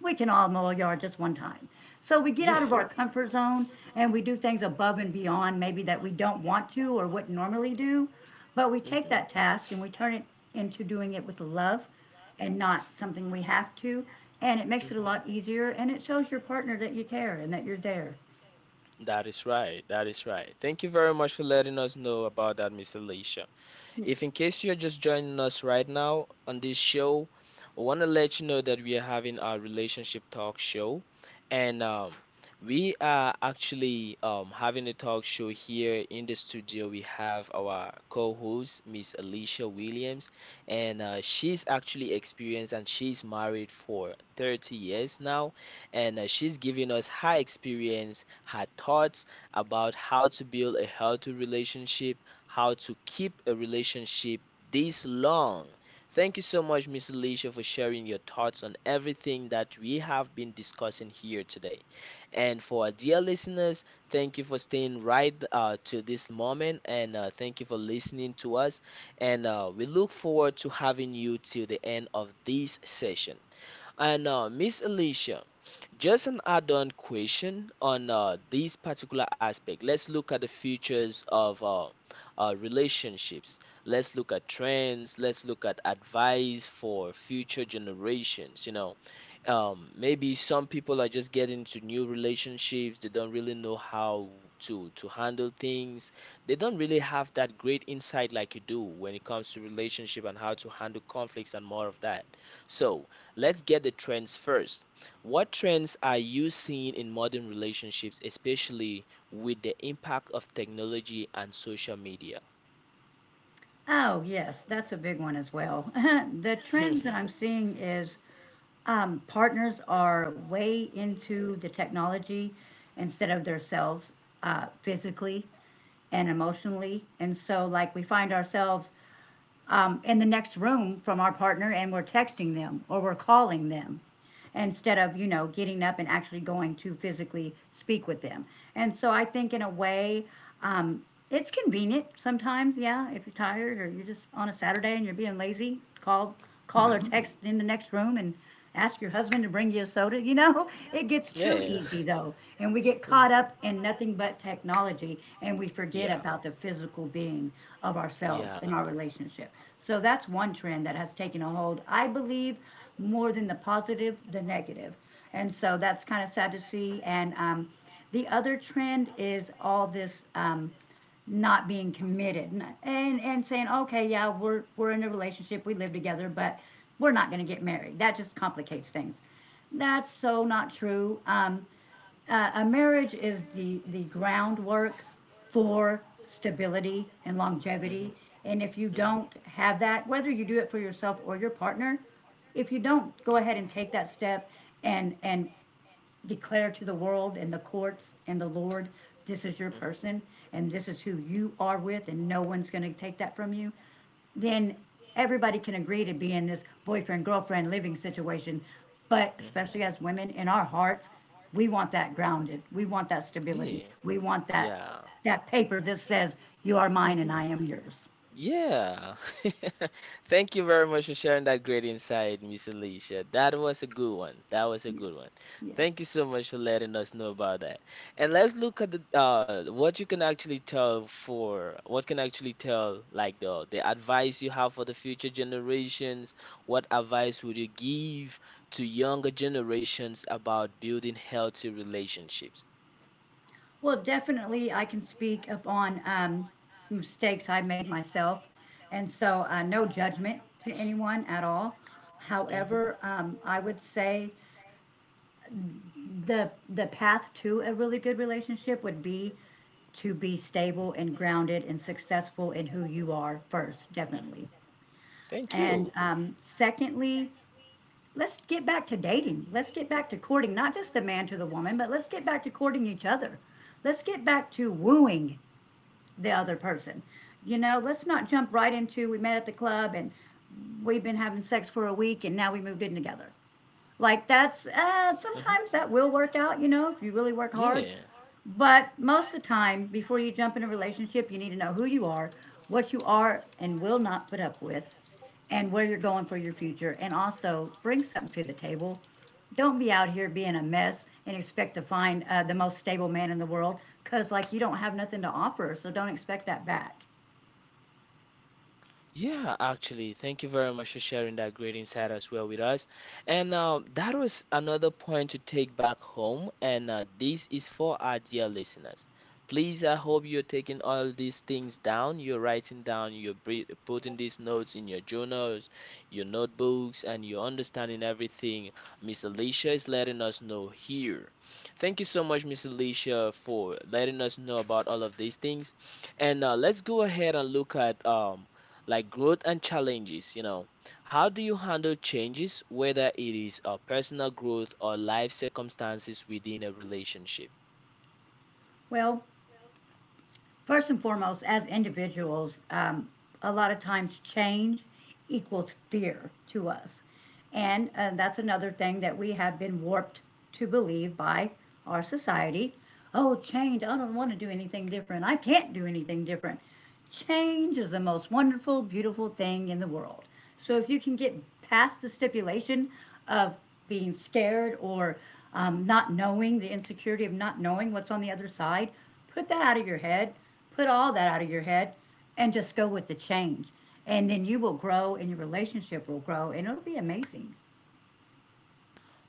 Speaker 2: we can all mow a yard just one time. So we get out of our comfort zone and we do things above and beyond, maybe that we don't want to or wouldn't normally do. But we
Speaker 1: Yeah.
Speaker 2: take that task and we turn it into doing it with love and not something we have to. And it makes it a
Speaker 1: Mhm.
Speaker 2: lot easier and it shows your partner that you care and that you're there.
Speaker 1: That is right. That is right. Thank you very much for letting us know about that, Miss Alicia. If
Speaker 2: Yes.
Speaker 1: in case you're just joining us right now on this show, we want to let you know that we are having our relationship talk show, and we are actually having a talk show here in the studio. We have our co-host, Miss Alicia Williams, and she's actually experienced and she's married for 30 years now, and she's giving us her experience, her thoughts about how to build a healthy relationship, how to keep a relationship this long. Thank you so much, Miss Alicia, for sharing your thoughts on everything that we have been discussing here today. And for our dear listeners, thank you for staying right to this moment, and thank you for listening to us. And we look forward to having you till the end of this session. And Miss Alicia, just an add-on question on this particular aspect. Let's look at the futures of relationships. Let's look at trends. Let's look at advice for future generations. You know, maybe some people are just getting into new relationships. They don't really know how to handle things. They don't really have that great insight like you do when it comes to relationship and how to handle conflicts and more of that. So, let's get the trends first. What trends are you seeing in modern relationships, especially with the impact of technology and social media?
Speaker 2: Oh, yes, that's a big one as well. The trends that I'm seeing is partners are way into the technology instead of themselves physically and emotionally. And so, like, we find ourselves in the next room from our partner and we're texting them or we're calling them instead of, you know, getting up and actually going to physically speak with them. And so I think, in a way, um, it's convenient sometimes. Yeah, if you're tired or you're just on a Saturday and you're being lazy, call or text in the next room and ask your husband to bring you a soda. You know, it gets too
Speaker 1: Yeah.
Speaker 2: easy though, and we get
Speaker 1: We.
Speaker 2: caught
Speaker 1: Mhm.
Speaker 2: up in nothing but technology and we forget
Speaker 1: Yeah.
Speaker 2: about the physical being of ourselves and our relationship. So that's one trend that has taken a hold, I believe, more than the positive, the negative. And so that's kind of sad to see. And the other trend is all this not being committed and saying, okay, yeah, we're in a relationship, we live together, but we're not going to get married. That just complicates things. That's so not true. A marriage is the groundwork for stability and
Speaker 1: Mhm.
Speaker 2: longevity. And if you don't have that, whether you do it for yourself or your partner, if you don't
Speaker 1: Mhm.
Speaker 2: go ahead and take that step and declare to the world and the courts and the Lord, this is your person and this is who you are with, and no one's going to take that from you, then everybody can agree to be in this boyfriend girlfriend living situation. But
Speaker 1: Person,
Speaker 2: especially as women, in our hearts, we want that grounded. We want that
Speaker 1: yeah.
Speaker 2: stability. We want that
Speaker 1: Yeah.
Speaker 2: that paper that says you are
Speaker 1: Hmm. Am
Speaker 2: mine and
Speaker 1: yours.
Speaker 2: I am yours.
Speaker 1: Yeah. Thank you very much for sharing that great insight, Miss Alicia. That was a good one. That was a
Speaker 2: Yes.
Speaker 1: good one. Thank you so much for letting us know about that. And let's look at the what you can actually tell for what can actually tell like the advice you have for the future generations. What advice would you give to younger generations about building healthy relationships?
Speaker 2: Well, definitely, I can speak upon mistakes I made myself, and so no judgment to anyone at all.
Speaker 1: Mm-hmm.
Speaker 2: However, I would say the path to a really good relationship would be to be stable and grounded and successful in who you are first, definitely.
Speaker 1: Thank
Speaker 2: And
Speaker 1: you.
Speaker 2: um, secondly, let's get back to dating. Let's get back to courting, not just the man to the woman, but let's get back to courting each other. Let's get back to wooing the other person. You know, let's not jump right into we met at the club and we've been having sex for a week and now we moved in together. Like that's
Speaker 1: Uh-huh.
Speaker 2: sometimes that will work out, you know, if you really work hard. But most of the time, before you jump in a relationship, you need to know who you are, what you are and will not put up with, and where you're going for your future. And also bring something to the table. Don't be out here being a mess and expect to find the most stable man in the world because, like, you don't have nothing to offer. So don't expect that back.
Speaker 1: Yeah, actually, thank you very much for sharing that great insight as well with us. And that was another point to take back home. And this is for our dear listeners. Please, I hope you're taking all these things down. You're writing down, you're putting these notes in your journals, your notebooks, and you're understanding everything Miss Alicia is letting us know here. Thank you so much, Miss Alicia, for letting us know about all of these things. And let's go ahead and look at like growth and challenges, you know. How do you handle changes, whether it is a personal growth or life circumstances within a relationship?
Speaker 2: Well, first and foremost, as individuals, a lot of times change equals fear to us. And that's another thing that we have been warped to believe by our society. Oh, change. I don't want to do anything different. I can't do anything different. Change is the most wonderful, beautiful thing in the world. So if you can get past the stipulation of being scared or not knowing, the insecurity of not knowing what's on the other side, put that out of your head, put all that out of your head, and just go with the change. And then you will grow and your relationship will grow and it'll be amazing.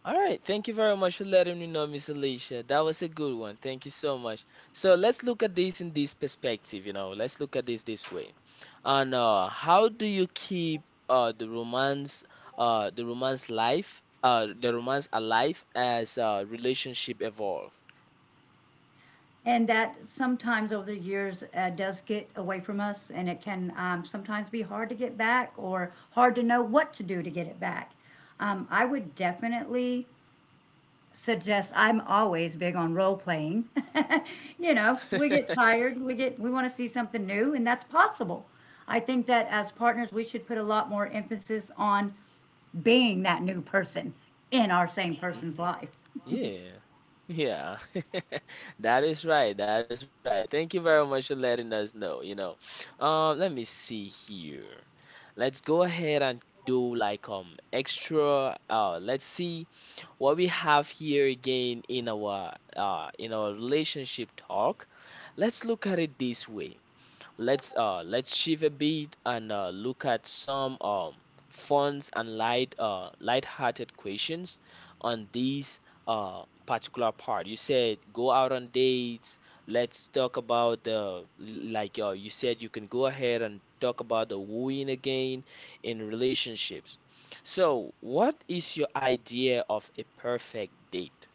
Speaker 1: All right, thank you very much for letting me know, Miss Alicia. That was a good one. Thank you so much. So let's look at this in this perspective, you know. Let's look at this this way. And how do you keep uh, the romance, the romance life, the romance alive as relationship evolve?
Speaker 2: And that sometimes over the years does get away from us, and it can sometimes be hard to get back or hard to know what to do to get it back. I would definitely suggest, I'm always big on role playing. You know, we get tired, we want to see something new, and that's possible. I think that as partners, we should put a lot more emphasis on being that new person in our same person's
Speaker 1: Mhm.
Speaker 2: life.
Speaker 1: Yeah. Yeah. That is right. That is right. Thank you very much for letting us know, you know. Let me see here. Let's go ahead and do like extra let's see what we have here again in our relationship talk. Let's look at it this way. Let's let's shift a bit and look at some fun and light light-hearted questions on this particular part. You said go out on dates. Let's talk about the like you said you can go ahead and talk about the wooing again in relationships. So, what is your idea of a perfect date?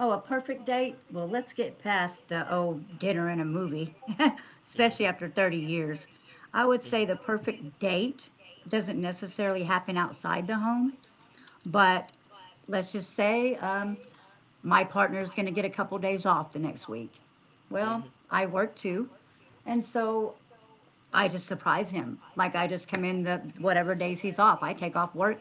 Speaker 2: Oh, a perfect date? Well, let's get past the old dinner and a movie,
Speaker 1: Hmm.
Speaker 2: especially after 30 years. I would say the
Speaker 1: Hmm.
Speaker 2: perfect date doesn't necessarily happen outside the home, but let's just say my partner is going to get a couple days off the next week. Well,
Speaker 1: Hmm.
Speaker 2: I work too. And so I just surprise him. Like I just come in the whatever days he's off. I take off work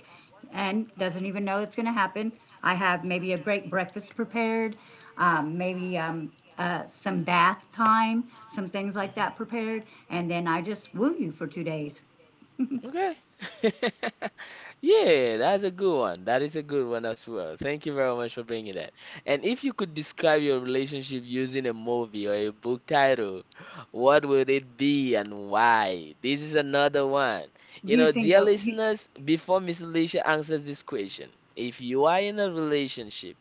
Speaker 2: and doesn't even know it's going to happen. I have maybe a great breakfast prepared, maybe some bath time, some things like
Speaker 1: Hmm.
Speaker 2: that prepared, and then I just woo you for 2 days
Speaker 1: Okay. Yeah, that's a good one. That is a good one as well. Thank you very much for bringing that. And if you could describe your relationship using a movie or a book title, what would it be and why? This is another one. You know,
Speaker 2: using
Speaker 1: dear
Speaker 2: the. You,
Speaker 1: listeners, before Miss Alicia answers this question, if you are in a relationship,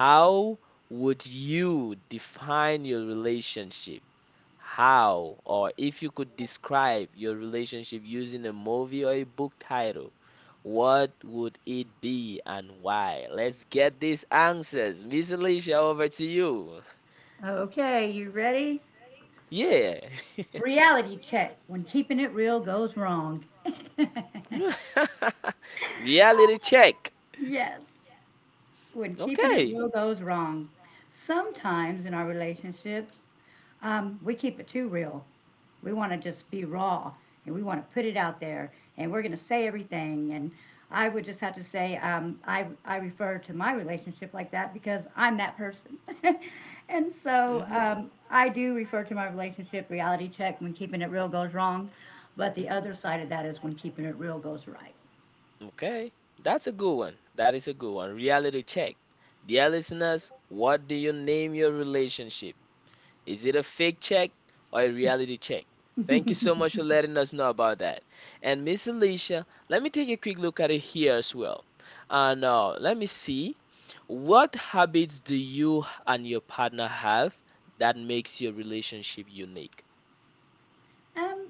Speaker 1: how would you define your relationship? How, or if you could describe your relationship using a movie or a book title, what would it be and why? Let's get these answers. Miss Alicia, over to you.
Speaker 2: okay, you ready?
Speaker 1: Yeah.
Speaker 2: Reality check when keeping it real goes wrong.
Speaker 1: Reality check.
Speaker 2: Yes. When keeping it
Speaker 1: Okay.
Speaker 2: real goes wrong. Sometimes in our relationships, we keep it too real. We want to just be raw and we want to put it out there and we're going to say everything. And I would just have to say, I refer to my relationship like that because I'm that person. and so
Speaker 1: Hmm.
Speaker 2: um, I do refer to my relationship reality check when keeping it real goes wrong. But the
Speaker 1: Mhm.
Speaker 2: other side of that is when keeping it real goes right.
Speaker 1: Okay, that's a good one. That is a good one. Reality check. Dear listeners, what do you name your relationship? Is it a fake check or a reality check? Thank you so much for letting us know about that. And Miss Alicia, let me take a quick look at it here as well. Now, let me see. What habits do you and your partner have that makes your relationship unique?
Speaker 2: Um,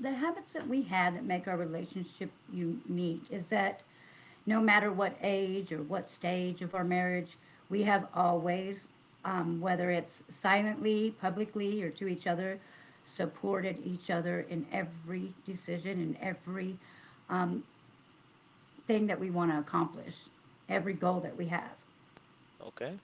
Speaker 2: The habits that we have that make our relationship unique is that no matter what age or what stage of our marriage, we have always, whether it's silently, publicly, or to each other, supported each other in every decision and every thing that we want to accomplish, every goal that we have.
Speaker 1: Okay.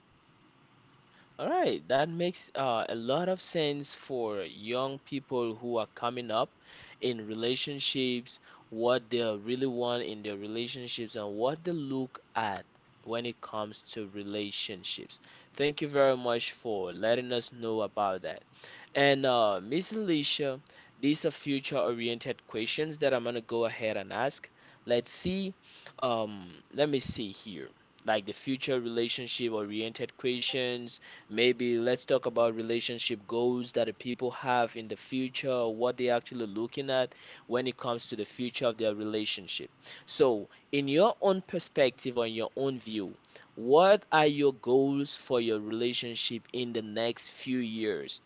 Speaker 1: All right, that makes a lot of sense for young people who are coming up in relationships, what they really want in their relationships, and what they look at when it comes to relationships. Thank you very much for letting us know about that. And Miss Alicia, these are future-oriented questions that I'm gonna go ahead and ask. Let's see. Let me see here. Like the future relationship-oriented questions. Maybe let's talk about relationship goals that the people have in the future, what they're actually looking at when it comes to the future of their relationship. So, in your own perspective or in your own view, what are your goals for your relationship in the next few years?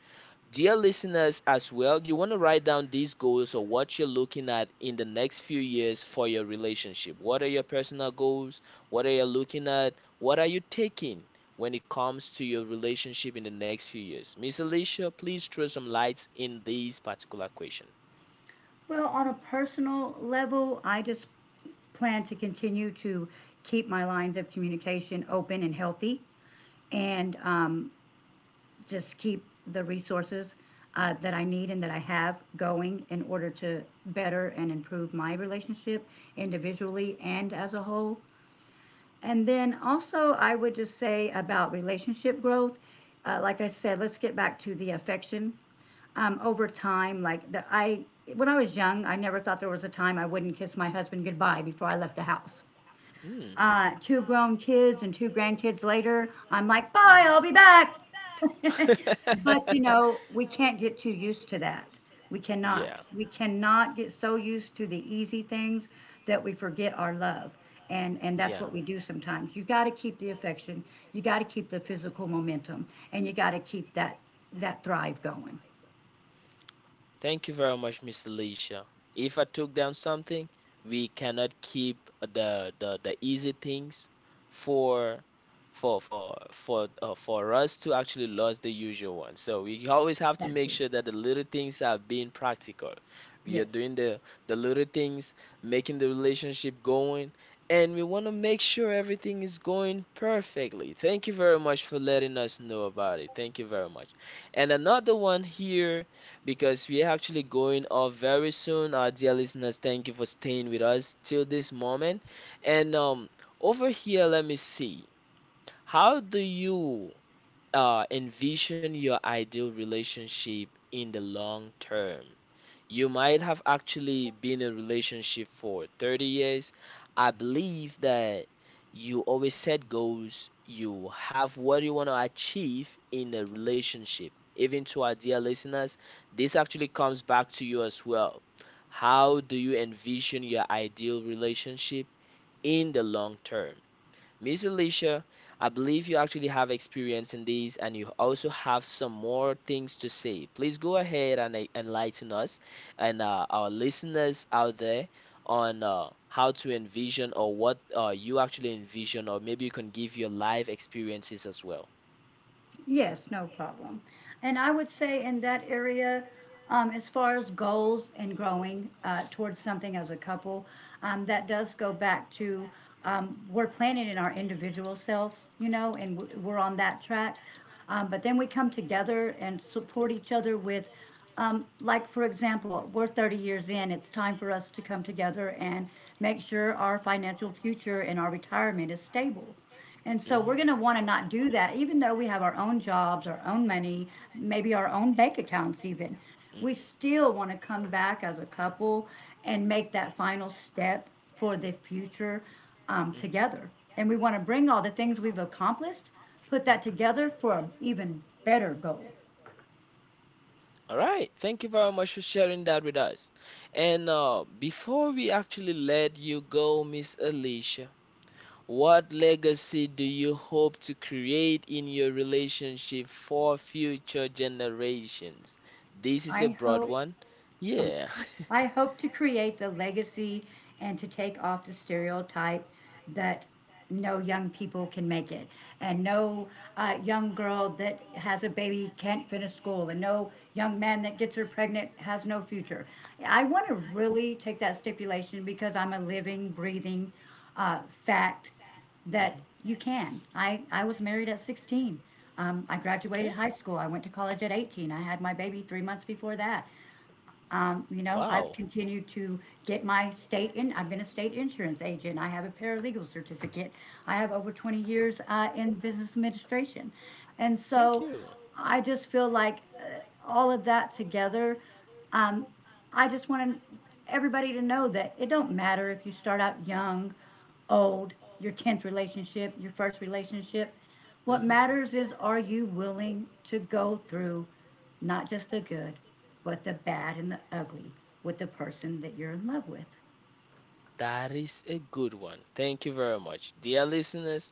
Speaker 1: Dear listeners, as well, you want to write down these goals or what you're looking at in the next few years for your relationship. What are your personal goals? What are you looking at? What are you taking when it comes to your relationship in the next few years? Miss Alicia, please throw some lights in this particular question.
Speaker 2: Well, on a personal level, I just plan to continue to keep my lines of communication open and healthy and just keep the resources that I need and that I have going in order to better and improve my relationship individually and as a whole. And then also, I would just say about relationship growth, like I said, let's get back to the affection. Over time, like the, I, When I was young, I never thought there was a time I wouldn't kiss my husband goodbye before I left the house.
Speaker 1: Hmm.
Speaker 2: Two grown kids and two grandkids later, I'm like,
Speaker 1: Mhm.
Speaker 2: bye, I'll be back. But you know, we can't get too used to that. We cannot.
Speaker 1: Yeah,
Speaker 2: We cannot get so used to the easy things that we forget our love. And that's what we do sometimes. You got to keep the affection. You got to keep the physical momentum and you got to keep that that thrive going.
Speaker 1: thank you very much, Miss Alicia. If I took down something, we cannot keep the easy things for for us to actually lose the usual one. So we always have to make
Speaker 2: Exactly.
Speaker 1: sure that the little things are being practical. We are
Speaker 2: Yes.
Speaker 1: doing the little things, making the relationship going, and we want to make sure everything is going perfectly. Thank you very much for letting us know about it. Thank you very much. And another one here because we are actually going off very soon. Our dear listeners, thank you for staying with us till this moment. And over here, let me see. How do you envision your ideal relationship in the long term? You might have actually been in a relationship for 30 years. I believe that you always set goals, you have what you want to achieve in a relationship. Even to our dear listeners, this actually comes back to you as well. How do you envision your ideal relationship in the long term? Miss Alicia, I believe you actually have experience in these and you also have some more things to say. Please go ahead and enlighten us and our listeners out there on how to envision or what you actually envision, or maybe you can give your live experiences as well.
Speaker 2: Yes, no problem. And I would say in that area, as far as goals and growing towards something as a couple, that does go back to we're planning in our individual selves, you know, and we're on that track. But then we come together and support each other with, like, for example, we're 30 years in, it's time for us to come together and make sure our financial future and our retirement is stable. And so we're going
Speaker 1: Hmm.
Speaker 2: to want to not do that, even though we have our own jobs, our own money, maybe our own bank accounts, even.
Speaker 1: Mhm,
Speaker 2: We still want to come back as a couple and make that final step for the future
Speaker 1: mhm,
Speaker 2: together. And we want to bring all the things we've accomplished, put that
Speaker 1: mhm.
Speaker 2: together for an even better goal.
Speaker 1: All right. Thank you very much for sharing that with us. And before we actually let you go, Miss Alicia, what legacy do you hope to create in your relationship for future generations? This is a
Speaker 2: I
Speaker 1: broad
Speaker 2: hope
Speaker 1: one.
Speaker 2: I'm
Speaker 1: Yeah.
Speaker 2: sorry. I hope to create the legacy and to take off the stereotype that no young people can make it, and no young girl that has a baby can't finish school, and no young man that gets her pregnant has no future. I want to really take that stipulation because I'm a living, breathing fact that
Speaker 1: Mhm.
Speaker 2: you can. I was married at 16. I
Speaker 1: Okay.
Speaker 2: graduated high school. I went to college at 18. I had my baby 3 months before that. I've
Speaker 1: Wow.
Speaker 2: continued to get my state in. I've been a state insurance agent. I have a paralegal certificate. I have over 20 years in business administration. And
Speaker 1: Thank
Speaker 2: so
Speaker 1: you.
Speaker 2: I just feel like all of that together, um, I just want everybody to know that it don't matter if you start out young, old, your 10th relationship, your first relationship. What
Speaker 1: Mhm.
Speaker 2: matters is, are you willing to go through not just the good, but the bad and the ugly with the person that you're in love with?
Speaker 1: That is a good one. Thank you very much. Dear listeners,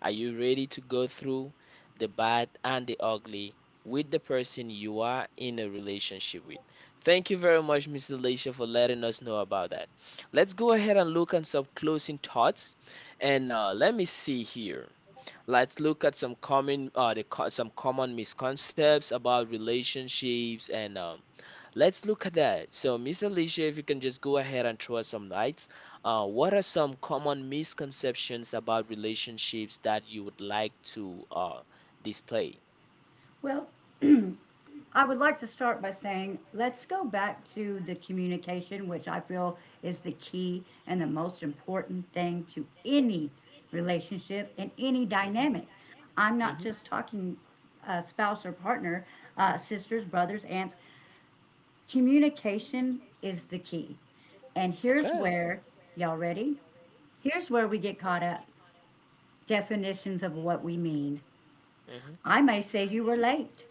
Speaker 1: are you ready to go through the bad and the ugly with the person you are in a relationship with? Thank you very much, Miss Alicia, for letting us know about that. Let's go ahead and look at some closing thoughts. And Let me see here. Let's look at some common, some common misconceptions about relationships and let's look at that. So, Miss Alicia, if you can just go ahead and throw us some lights. What are some common misconceptions about relationships that you would like to display?
Speaker 2: Well, I would like to start by saying, let's go back to the communication, which I feel is the key and the most important thing to any relationship and any dynamic. I'm
Speaker 1: Mhm,
Speaker 2: not
Speaker 1: mhm.
Speaker 2: just talking spouse or partner, sisters, brothers, aunts. Communication is the key. And here's
Speaker 1: Okay.
Speaker 2: where, y'all ready? Here's where we get caught up, definitions of what we mean.
Speaker 1: hmm
Speaker 2: I may say you were late,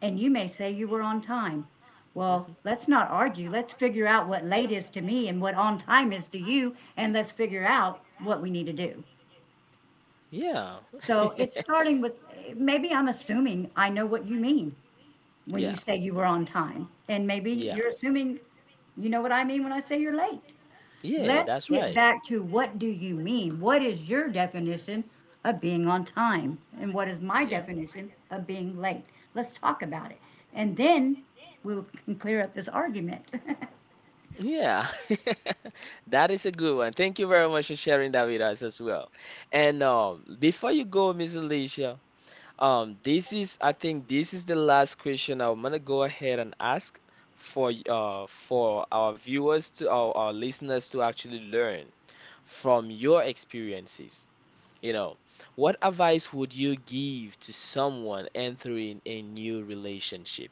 Speaker 2: and you may say you were on time. Well,
Speaker 1: hmm
Speaker 2: let's not argue. Let's figure out what late is to me and what on time is to you, and let's figure out what we need to do.
Speaker 1: Yeah.
Speaker 2: So it's starting with, maybe I'm assuming I know what you mean when you
Speaker 1: Yeah.
Speaker 2: say you were on time, and maybe
Speaker 1: Yeah.
Speaker 2: you're assuming you know what I mean when I say you're late.
Speaker 1: Yeah,
Speaker 2: Let's
Speaker 1: that's
Speaker 2: get
Speaker 1: right.
Speaker 2: back to, what do you mean? What is your definition of being on time? And what is my
Speaker 1: Yeah.
Speaker 2: definition of being late? Let's talk about it. And then we can clear up this argument.
Speaker 1: Yeah, that is a good one. Thank you very much for sharing that with us as well. And Before you go, Miss Alicia, this is I think this is the last question I'm gonna go ahead and ask for for our viewers to our listeners to actually learn from your experiences. You know, what advice would you give to someone entering a new relationship?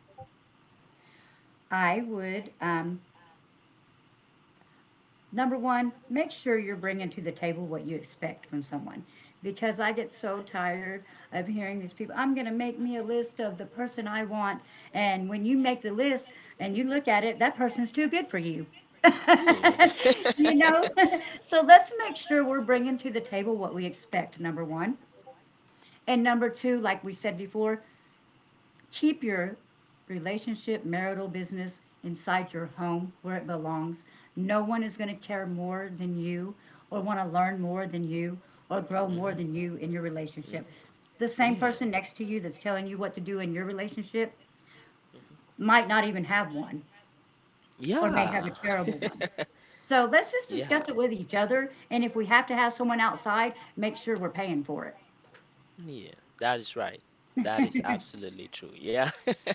Speaker 2: I would, number one, make sure you're bringing to the table what you expect from someone. Because I get so tired of hearing these people, I'm going to make me a list of the person I want. And when you make the list and you look at it, that person's too good for you.
Speaker 1: Yeah.
Speaker 2: You know? So let's make sure we're bringing to the table what we expect, number one. And number two, like we said before, keep your relationship, marital business inside your home where it belongs. No one is going to care more than you or want to learn more than you or grow
Speaker 1: Mhm.
Speaker 2: more than you in your
Speaker 1: Mhm.
Speaker 2: relationship. The same
Speaker 1: Yeah.
Speaker 2: person next to you that's telling you what to do in your relationship
Speaker 1: Mhm.
Speaker 2: might not even have one, or may have
Speaker 1: Yeah.
Speaker 2: a terrible one. So let's just discuss it with each other, and if we have to have someone outside, make sure we're
Speaker 1: Yeah.
Speaker 2: paying for it.
Speaker 1: Yeah, that is right. That is absolutely true. Yeah,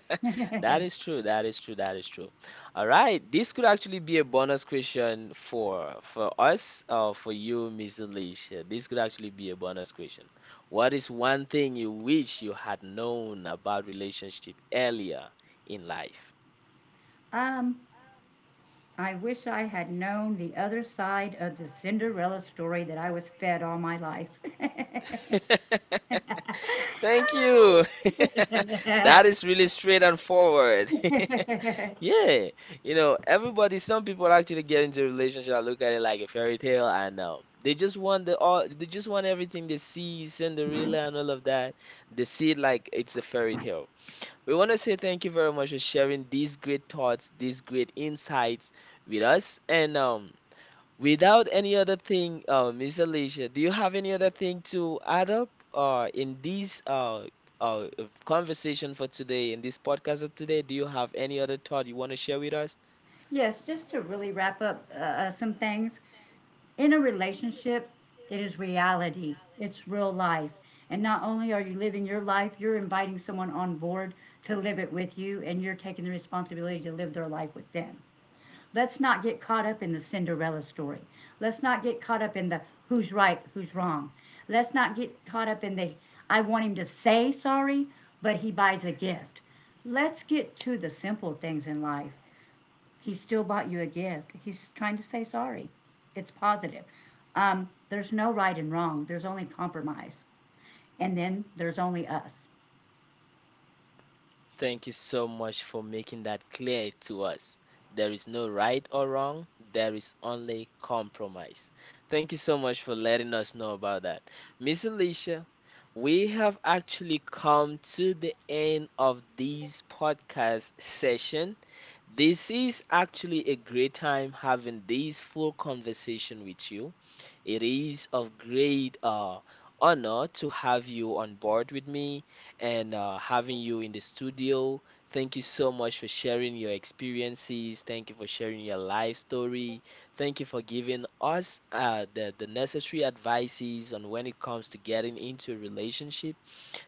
Speaker 1: that is true. That is true. That is true. All right, this could actually be a bonus question for us or for you, Miss Alicia. This could actually be a bonus question. What is one thing you wish you had known about relationship earlier in life?
Speaker 2: Um, I wish I had known the other side of the Cinderella story that I was fed all my life.
Speaker 1: That I was fed all my life. Thank you. That is really straight and forward. Yeah. You know, everybody, some people actually get into a relationship and look at it like a fairy tale and they just want everything they see, Cinderella and all of that. They see it like it's a fairy tale. We want to say thank you very much for sharing these great thoughts, these great insights with us. And Without any other thing, Miss Alicia, do you have any other thing to add up in this uh, conversation for today, in this podcast of today? Do you have any other thought you want to share with us?
Speaker 2: Yes, just to really wrap up some things. In a relationship, it is reality, it's real life. And not only are you living your life, you're inviting someone on board to live it with you, and you're taking the responsibility to live their life with them. Let's not get caught up in the Cinderella story. Let's not get caught up in the who's right, who's wrong. Let's not get caught up in the I want him to say sorry, but he buys a gift. Let's get to the simple things in life. He still bought you a gift. He's trying to say sorry. It's positive. There's no right and wrong, there's only compromise. And then there's only us.
Speaker 1: Thank you so much for making that clear to us. There is no right or wrong, there is only compromise. Thank you so much for letting us know about that. Miss Alicia, we have actually come to the end of this podcast session. This is actually a great time having this full conversation with you. It is of great honor to have you on board with me and having you in the studio. Thank you so much for sharing your experiences. Thank you for sharing your life story. Thank you for giving us the necessary advices on when it comes to getting into a relationship.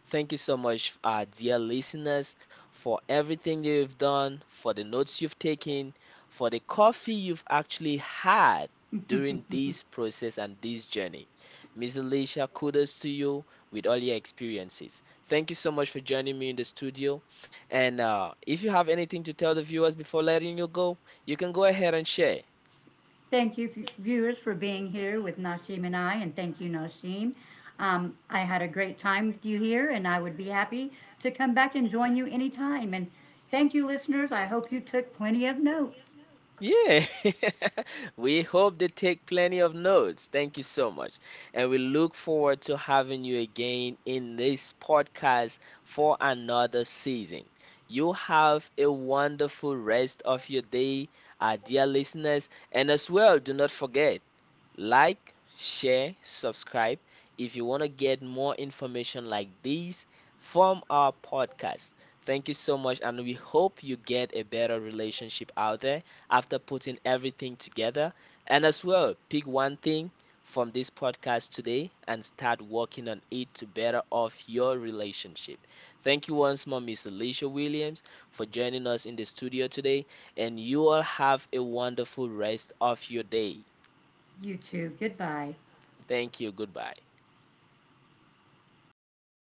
Speaker 1: Thank you so much, dear listeners, for everything you've done, for the notes you've taken, for the coffee you've actually had during this process and this journey. Miss Alicia, kudos to you with all your experiences. Thank you so much for joining me in the studio. And if you have anything to tell the viewers before letting you go, you can go ahead and share.
Speaker 2: Thank you, viewers, for being here with Nashim and I, and thank you, Nashim. I had a great time with you here, and I would be happy to come back and join you anytime. And thank you, listeners. I hope you took plenty of notes.
Speaker 1: Yeah, we hope they take plenty of notes. Thank you so much. And we look forward to having you again in this podcast for another season. You have a wonderful rest of your day, our dear listeners. And as well, do not forget. Like, share, subscribe if you want to get more information like these from our podcast. Thank you so much, and we hope you get a better relationship out there after putting everything together. And as well, pick one thing from this podcast today and start working on it to better off your relationship. Thank you once more, Miss Alicia Williams, for joining us in the studio today, and you all have a wonderful rest of your day.
Speaker 2: You too. Goodbye.
Speaker 1: Thank you. Goodbye.